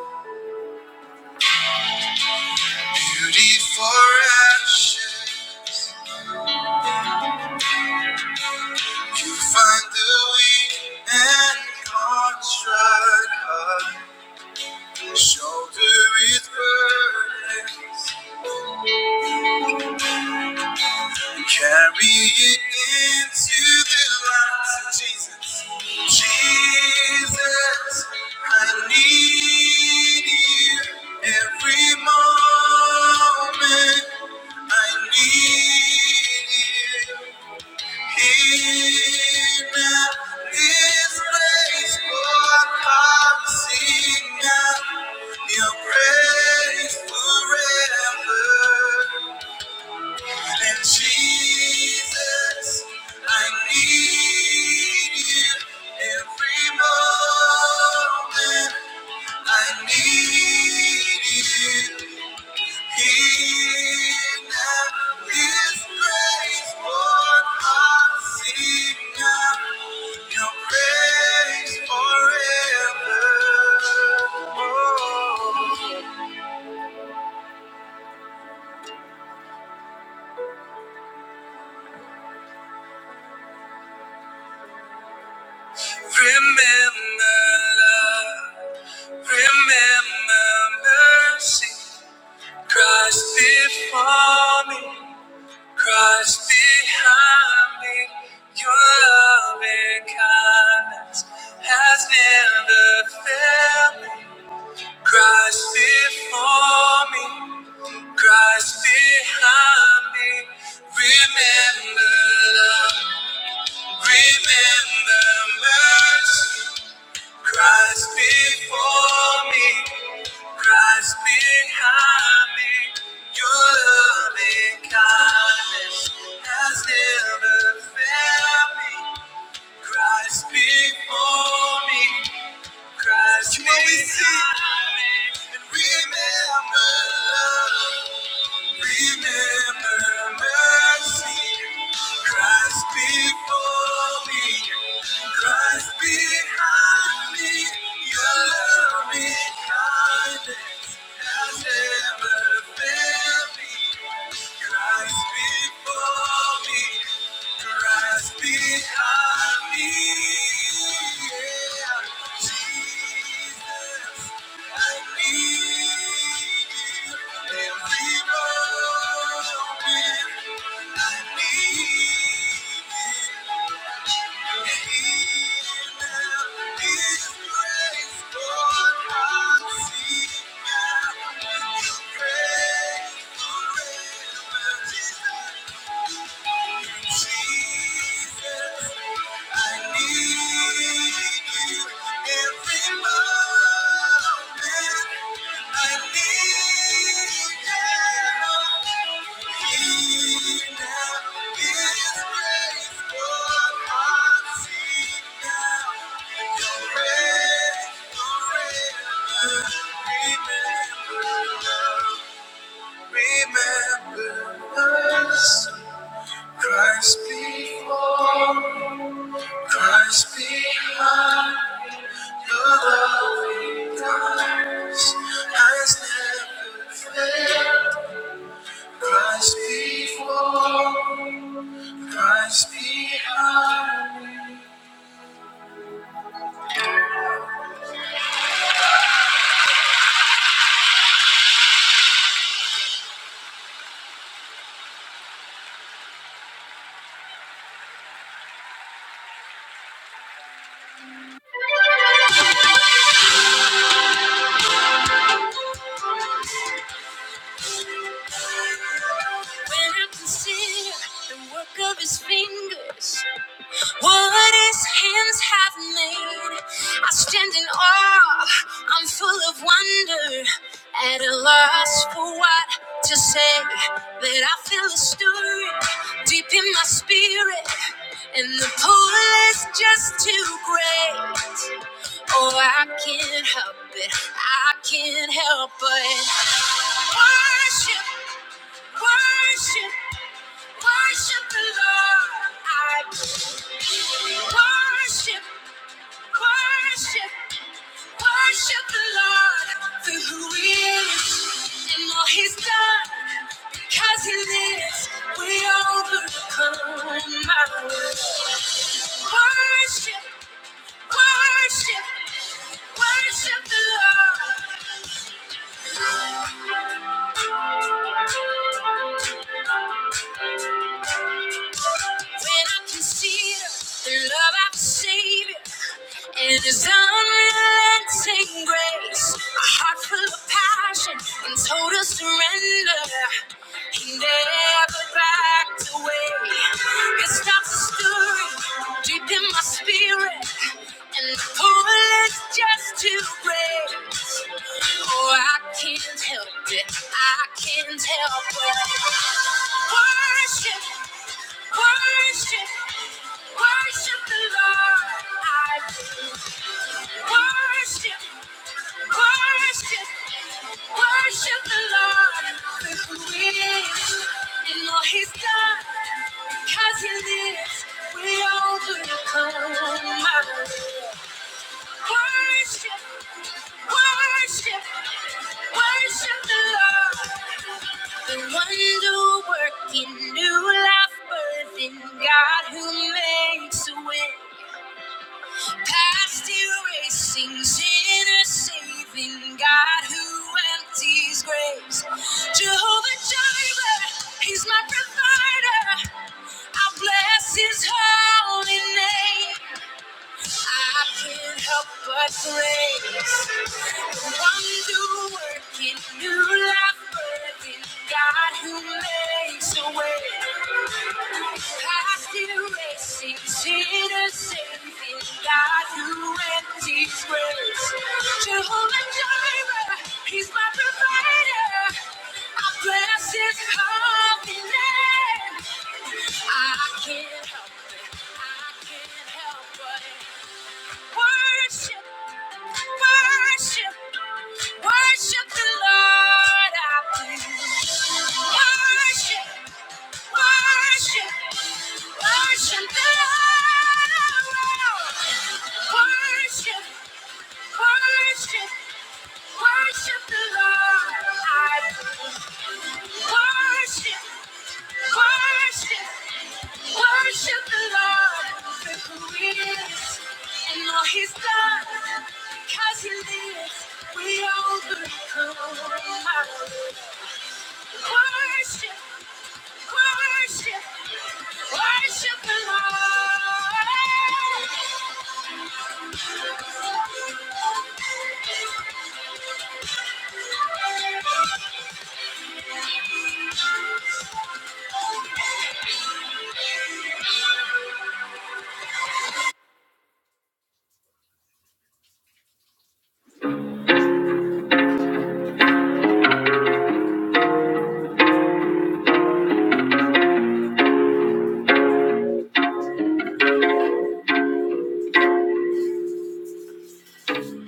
Beauty for ashes. You find the weak and contrite heart, shoulder its burdens, and carry it into the light. Jesus, Jesus, I need you every moment. I need you. In this place, Lord, I Your praise forever. And Jesus, I need you every moment. I need you. Christ before me, Christ behind me, your love and kindness has never failed. me. Christ before me, Christ behind me. Remember love, remember mercy. Christ before me, Christ behind me. Your loving kindness has never failed me. Christ before me. Christ, you always see and remember. love. Remember mercy, Christ before me, Christ behind me, your loving kindness has never failed me. Christ before me, Christ behind me, yeah, Jesus. Jesus. I need you every moment. I need you. He now is grateful. I see now your resurrected. Remember, remember us. Christ before. Christ be mine, your loving kindness has never failed. Christ before, Christ behind. When I can see the work of his fingers, What his hands have made, I stand in awe. I'm full of wonder, at a loss for what to say. But I feel a stirring deep in my spirit, and the pull is just too great. Oh, I can't help it. I can't help it. Worship, worship, worship the Lord. I worship, worship, worship the Lord for who He is and all He's done. Because He lives, we overcome. I worship. Worship, worship the Lord. When I consider the love of have Savior and His unrelenting grace, a heart full of passion and total surrender. He never backed away. It stops the story. deep in my spirit, and the pool is just too great. Oh, I can't help it, I can't help it. Worship, worship, worship the Lord. I Worship, worship, worship the Lord with me. And all he's done, because he lives, we overcome. Worship, worship, worship the Lord. The wonder working new life birth in God who makes a way. Past erasing sinner saving God who empties grace. Jehovah Jireh, He's my provider. I bless His holy name. I can't help but praise the wonder working new life birthing God who makes a way. Past erasing sinners saving God who empties grace. Jehovah Jireh, He's my provider. I bless His holy name. I can't help it. I can't help but Worship, worship, worship the Lord our King. Worship, worship, worship the Lord. our Lord. Worship, worship, worship the Lord. our King. Worship, worship, worship the Lord for who He is and all He's done. Because He lives, we overcome. Worship, worship. Worship the Lord.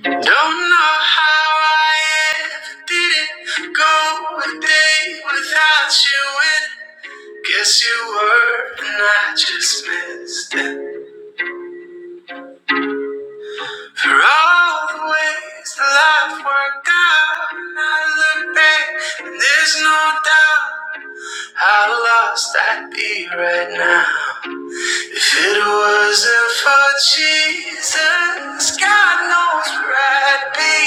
Don't know how I ever did it. Go a day without you, and guess you were, and I just missed it. For all the ways that life worked out, and I look back, and there's no doubt how lost I'd be right now. If it wasn't for Jesus, God knows where I'd be.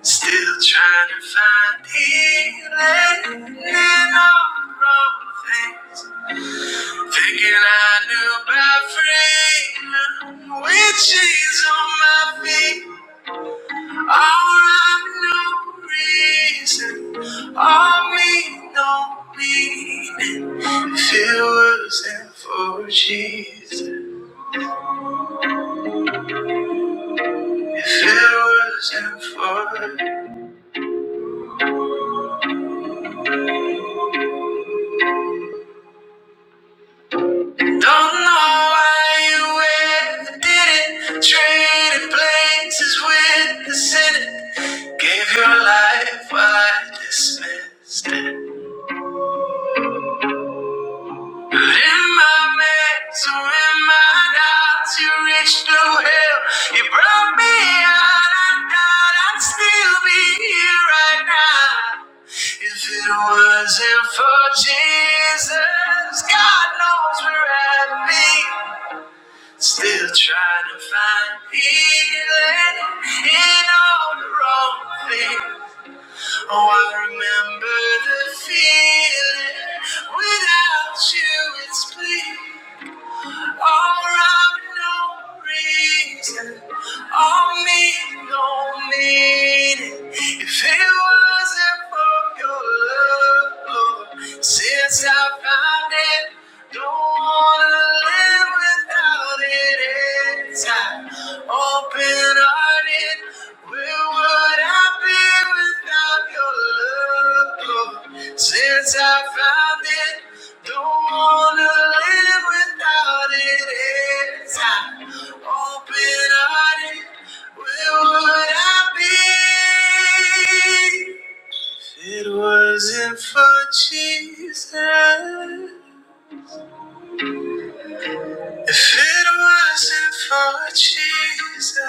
Still trying to find healing in all the wrong things. Thinking I knew about freedom, with chains on my feet. Oh, I'm no reason, I mean no meaning. If it wasn't for Jesus, if it wasn't for, don't know why you went and did it. Traded places with the sinner, gave your life while I dismissed it. In my mess, or in my doubts, you reached through hell. You brought me out. I thought I'd still be here right now. If it wasn't for Jesus, God knows where I'd be. Still trying to find healing in all the wrong things. Oh, I remember the feeling. Without you, it's bleak. All around, no reason. All me, no meaning. If it wasn't for your love, Lord, since I found it, don't wanna live without it time. Open hearted, where would I be without your love? Lord? Since I found it, don't wanna live without it. It's time. Open hearted, where would I be? If it wasn't for Jesus. If it wasn't for Jesus,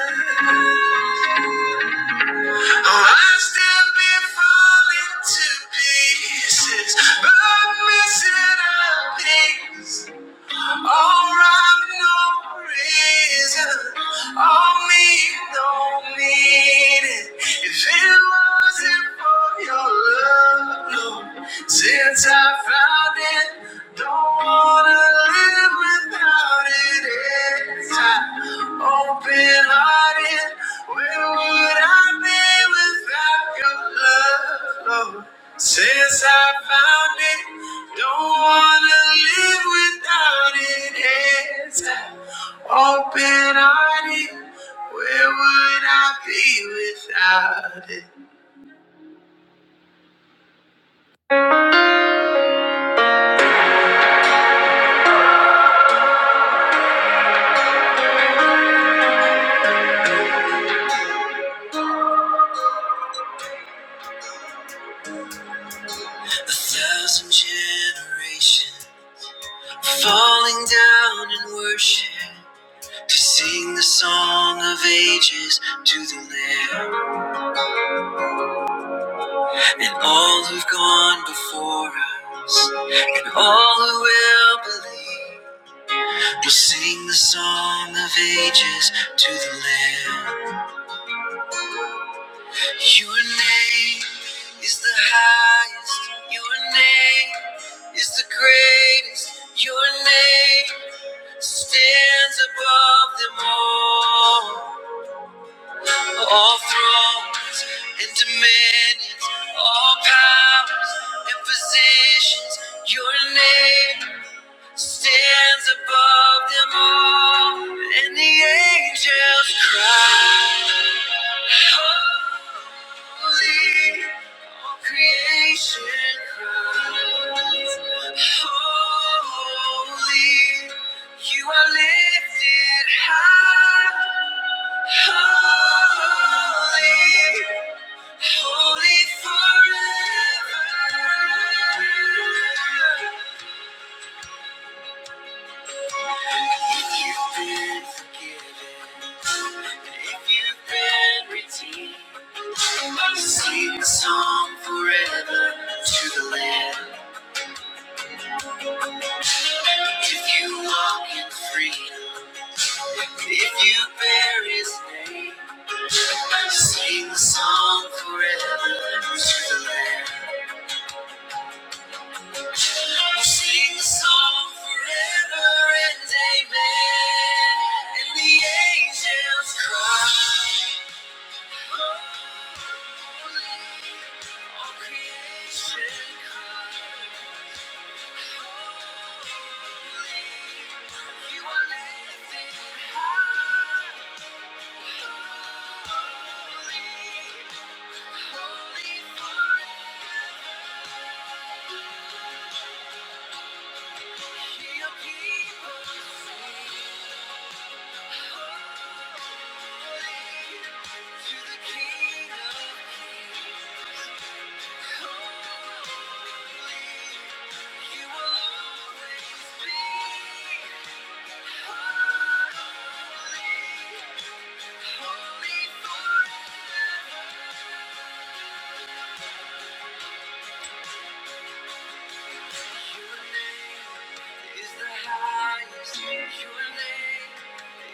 oh, I'd still be falling to pieces, but missing out things. All right, no reason, all me, no meaning. If it wasn't for your love, Lord, since I found it, don't wanna live without. it. Open hearted, where would I be without your love? Lord? Since I found it, don't wanna live without it. It's open hearted, where would I be without it? A thousand generations falling down in worship. to sing the song of ages to the Lamb and all who've gone before us and all who will believe. We'll sing the song of ages to the Lamb. Your name is the highest. Your name is the greatest. Your name stands above them all. All thrones and dominions, all powers and positions, your name stands above them all. And the angels cry, creation cries, holy, you are lifted high, holy. Holy forever. If you've been forgiven, if you've been redeemed, sing the song forever to the Lamb. If you walk in freedom, if you bear His name, sing the song forever to the Lamb. We'll sing the song forever and amen. And the angels cry. All creation cries. You are lifted high. Holy, holy forever. Your people sing. You are- your name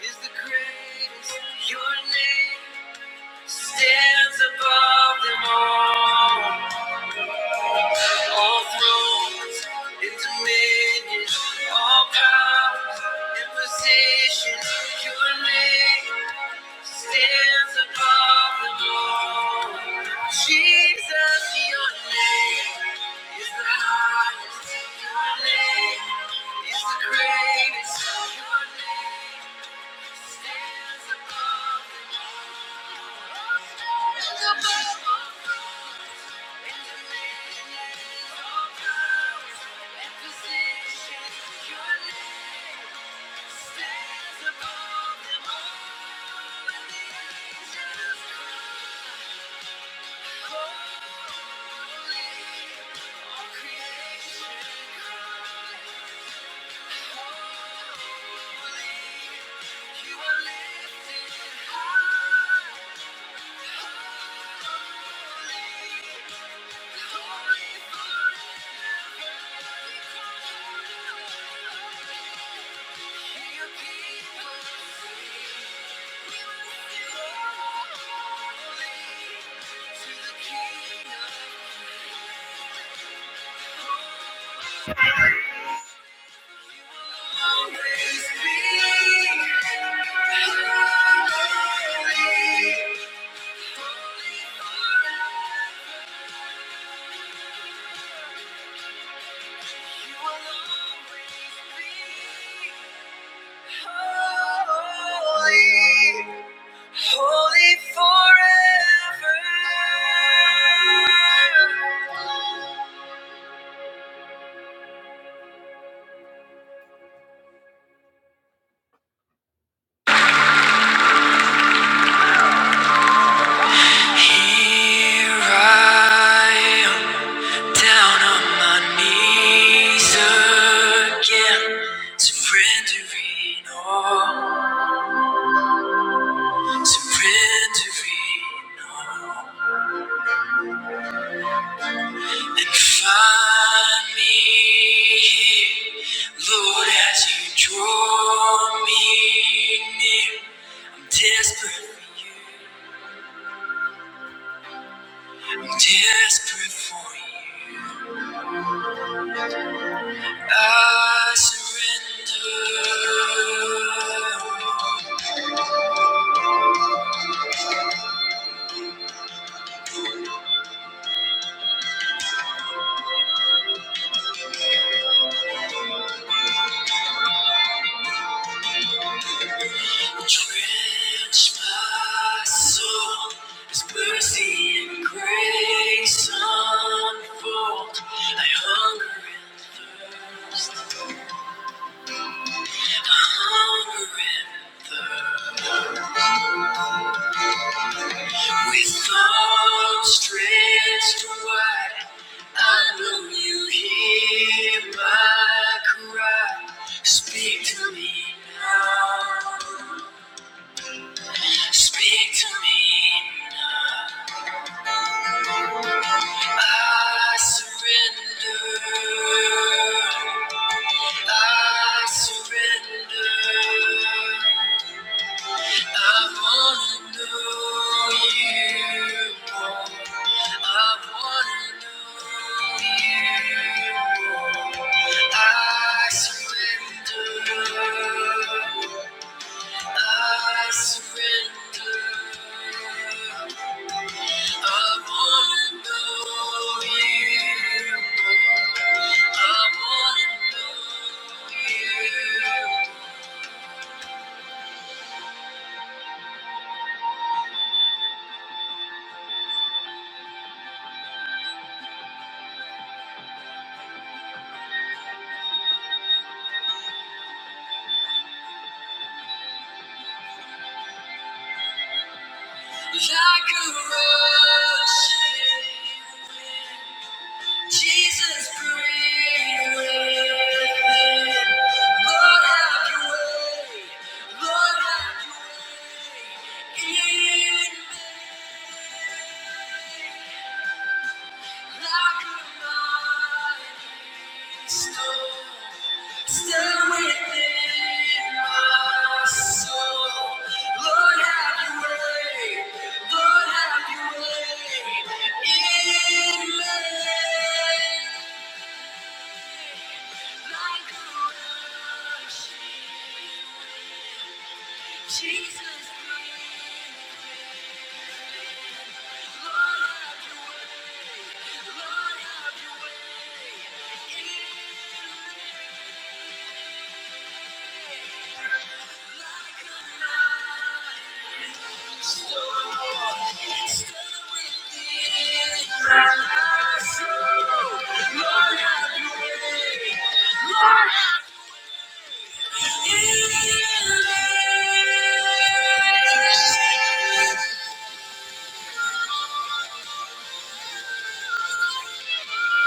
is the greatest. Your name stands alone. All thrones and dominions, all powers and positions. Your name stands above them all. Jesus, your name is the highest, is the greatest. To the King of Holy forever. Here I am. Down on my knees again, surrendering all, surrendering all. And find me here, Lord, as you draw me near. I'm desperate for you, I'm desperate for you. I surrender. Drench my soul, as mercy and grace unfold. I hunger and thirst. I hunger and thirst. With arms stretched wide, I know You hear my cry. Speak to me now. Speak to me I surrender. I surrender. I wanna know you more. I wanna know you more. I surrender. I surrender. Jesus, breathe within. Lord, have your way. Jesus, Lord, have your way. Lord, have your way. Thank you.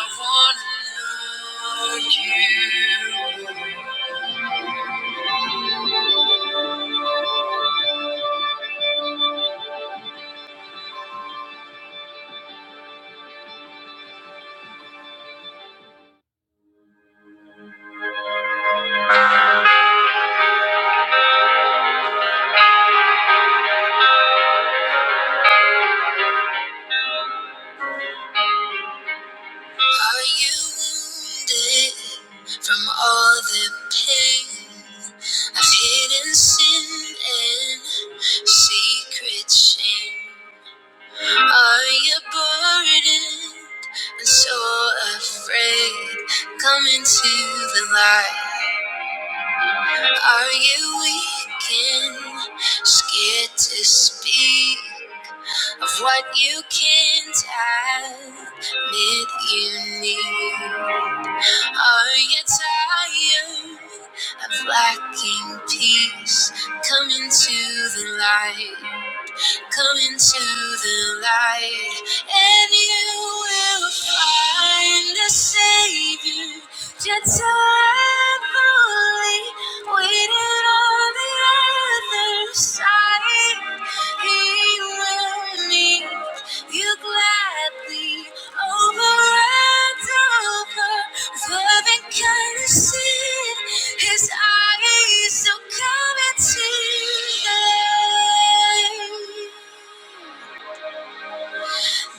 I wanna know you. Are you wounded from all the pain of hidden sin and secret shame? Are you burdened and so afraid? Come into the light. Are you weak and scared to speak of what you can't admit you need? Are you tired of lacking peace? Come into the light. Come into the light, and you will find a savior. Just rightfully waiting on the other side. He will meet you gladly over and over Loving kindness in his eyes so come and see.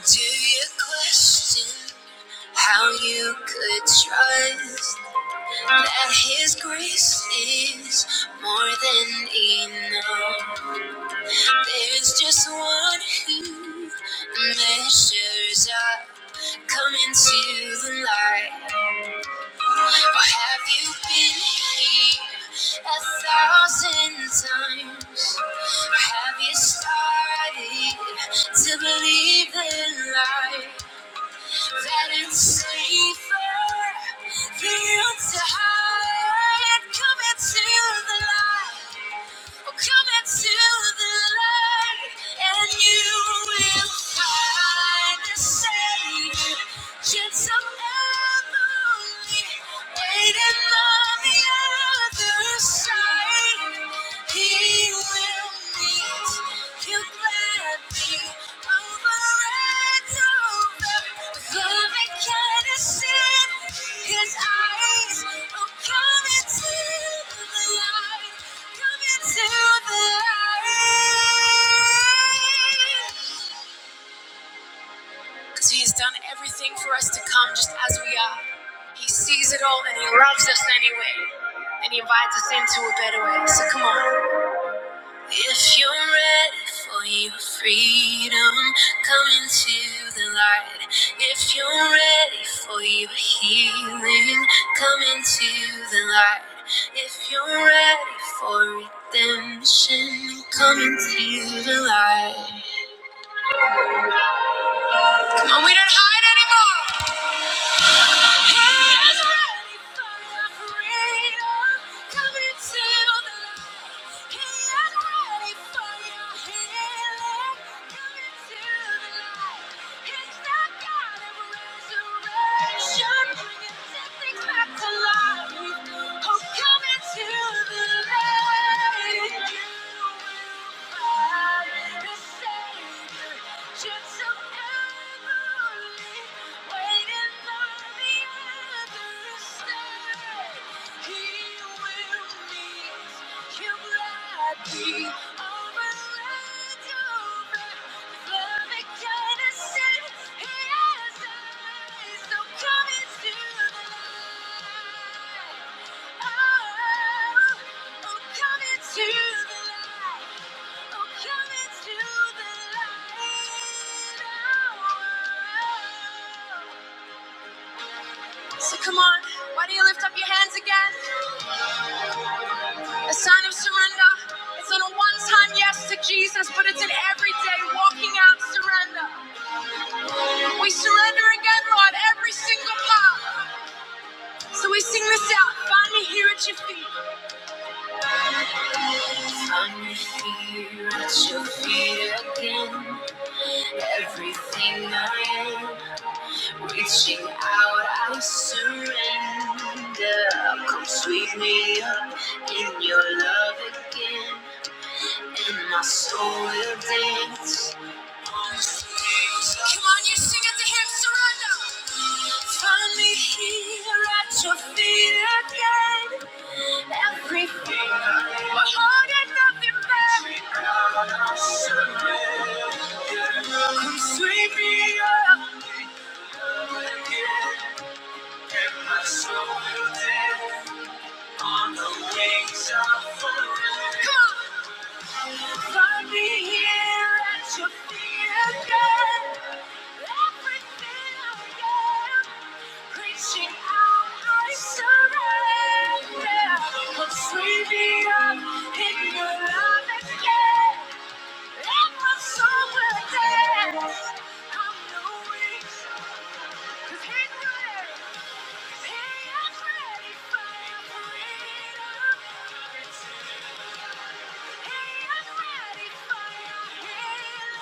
Do you question how you could trust that his grace is more than enough? There's just one who measures up. Come into the light. Or have you been here a thousand times? Or have you started to believe in life? that it's safer for you to hide. Come into the light, oh, come into the light, and you will find the Savior. Gentle Emily, waiting on the other side. He will meet you grab me over and over. Love I kinda see his eyes. Oh, come into the light. Come into the light. Because he has done everything for us to come just as we are. He sees it all and he loves us anyway. And he invites us into a better way. So come on. If you're ready for your freedom, come into the light. If you're ready for your healing, come into the light. If you're ready for redemption, come into the light. Come on, we don't hide anymore. Just Gentle I'm here at your feet again, everything I am. Reaching out, I surrender. Come sweep me up in your love again. Dance.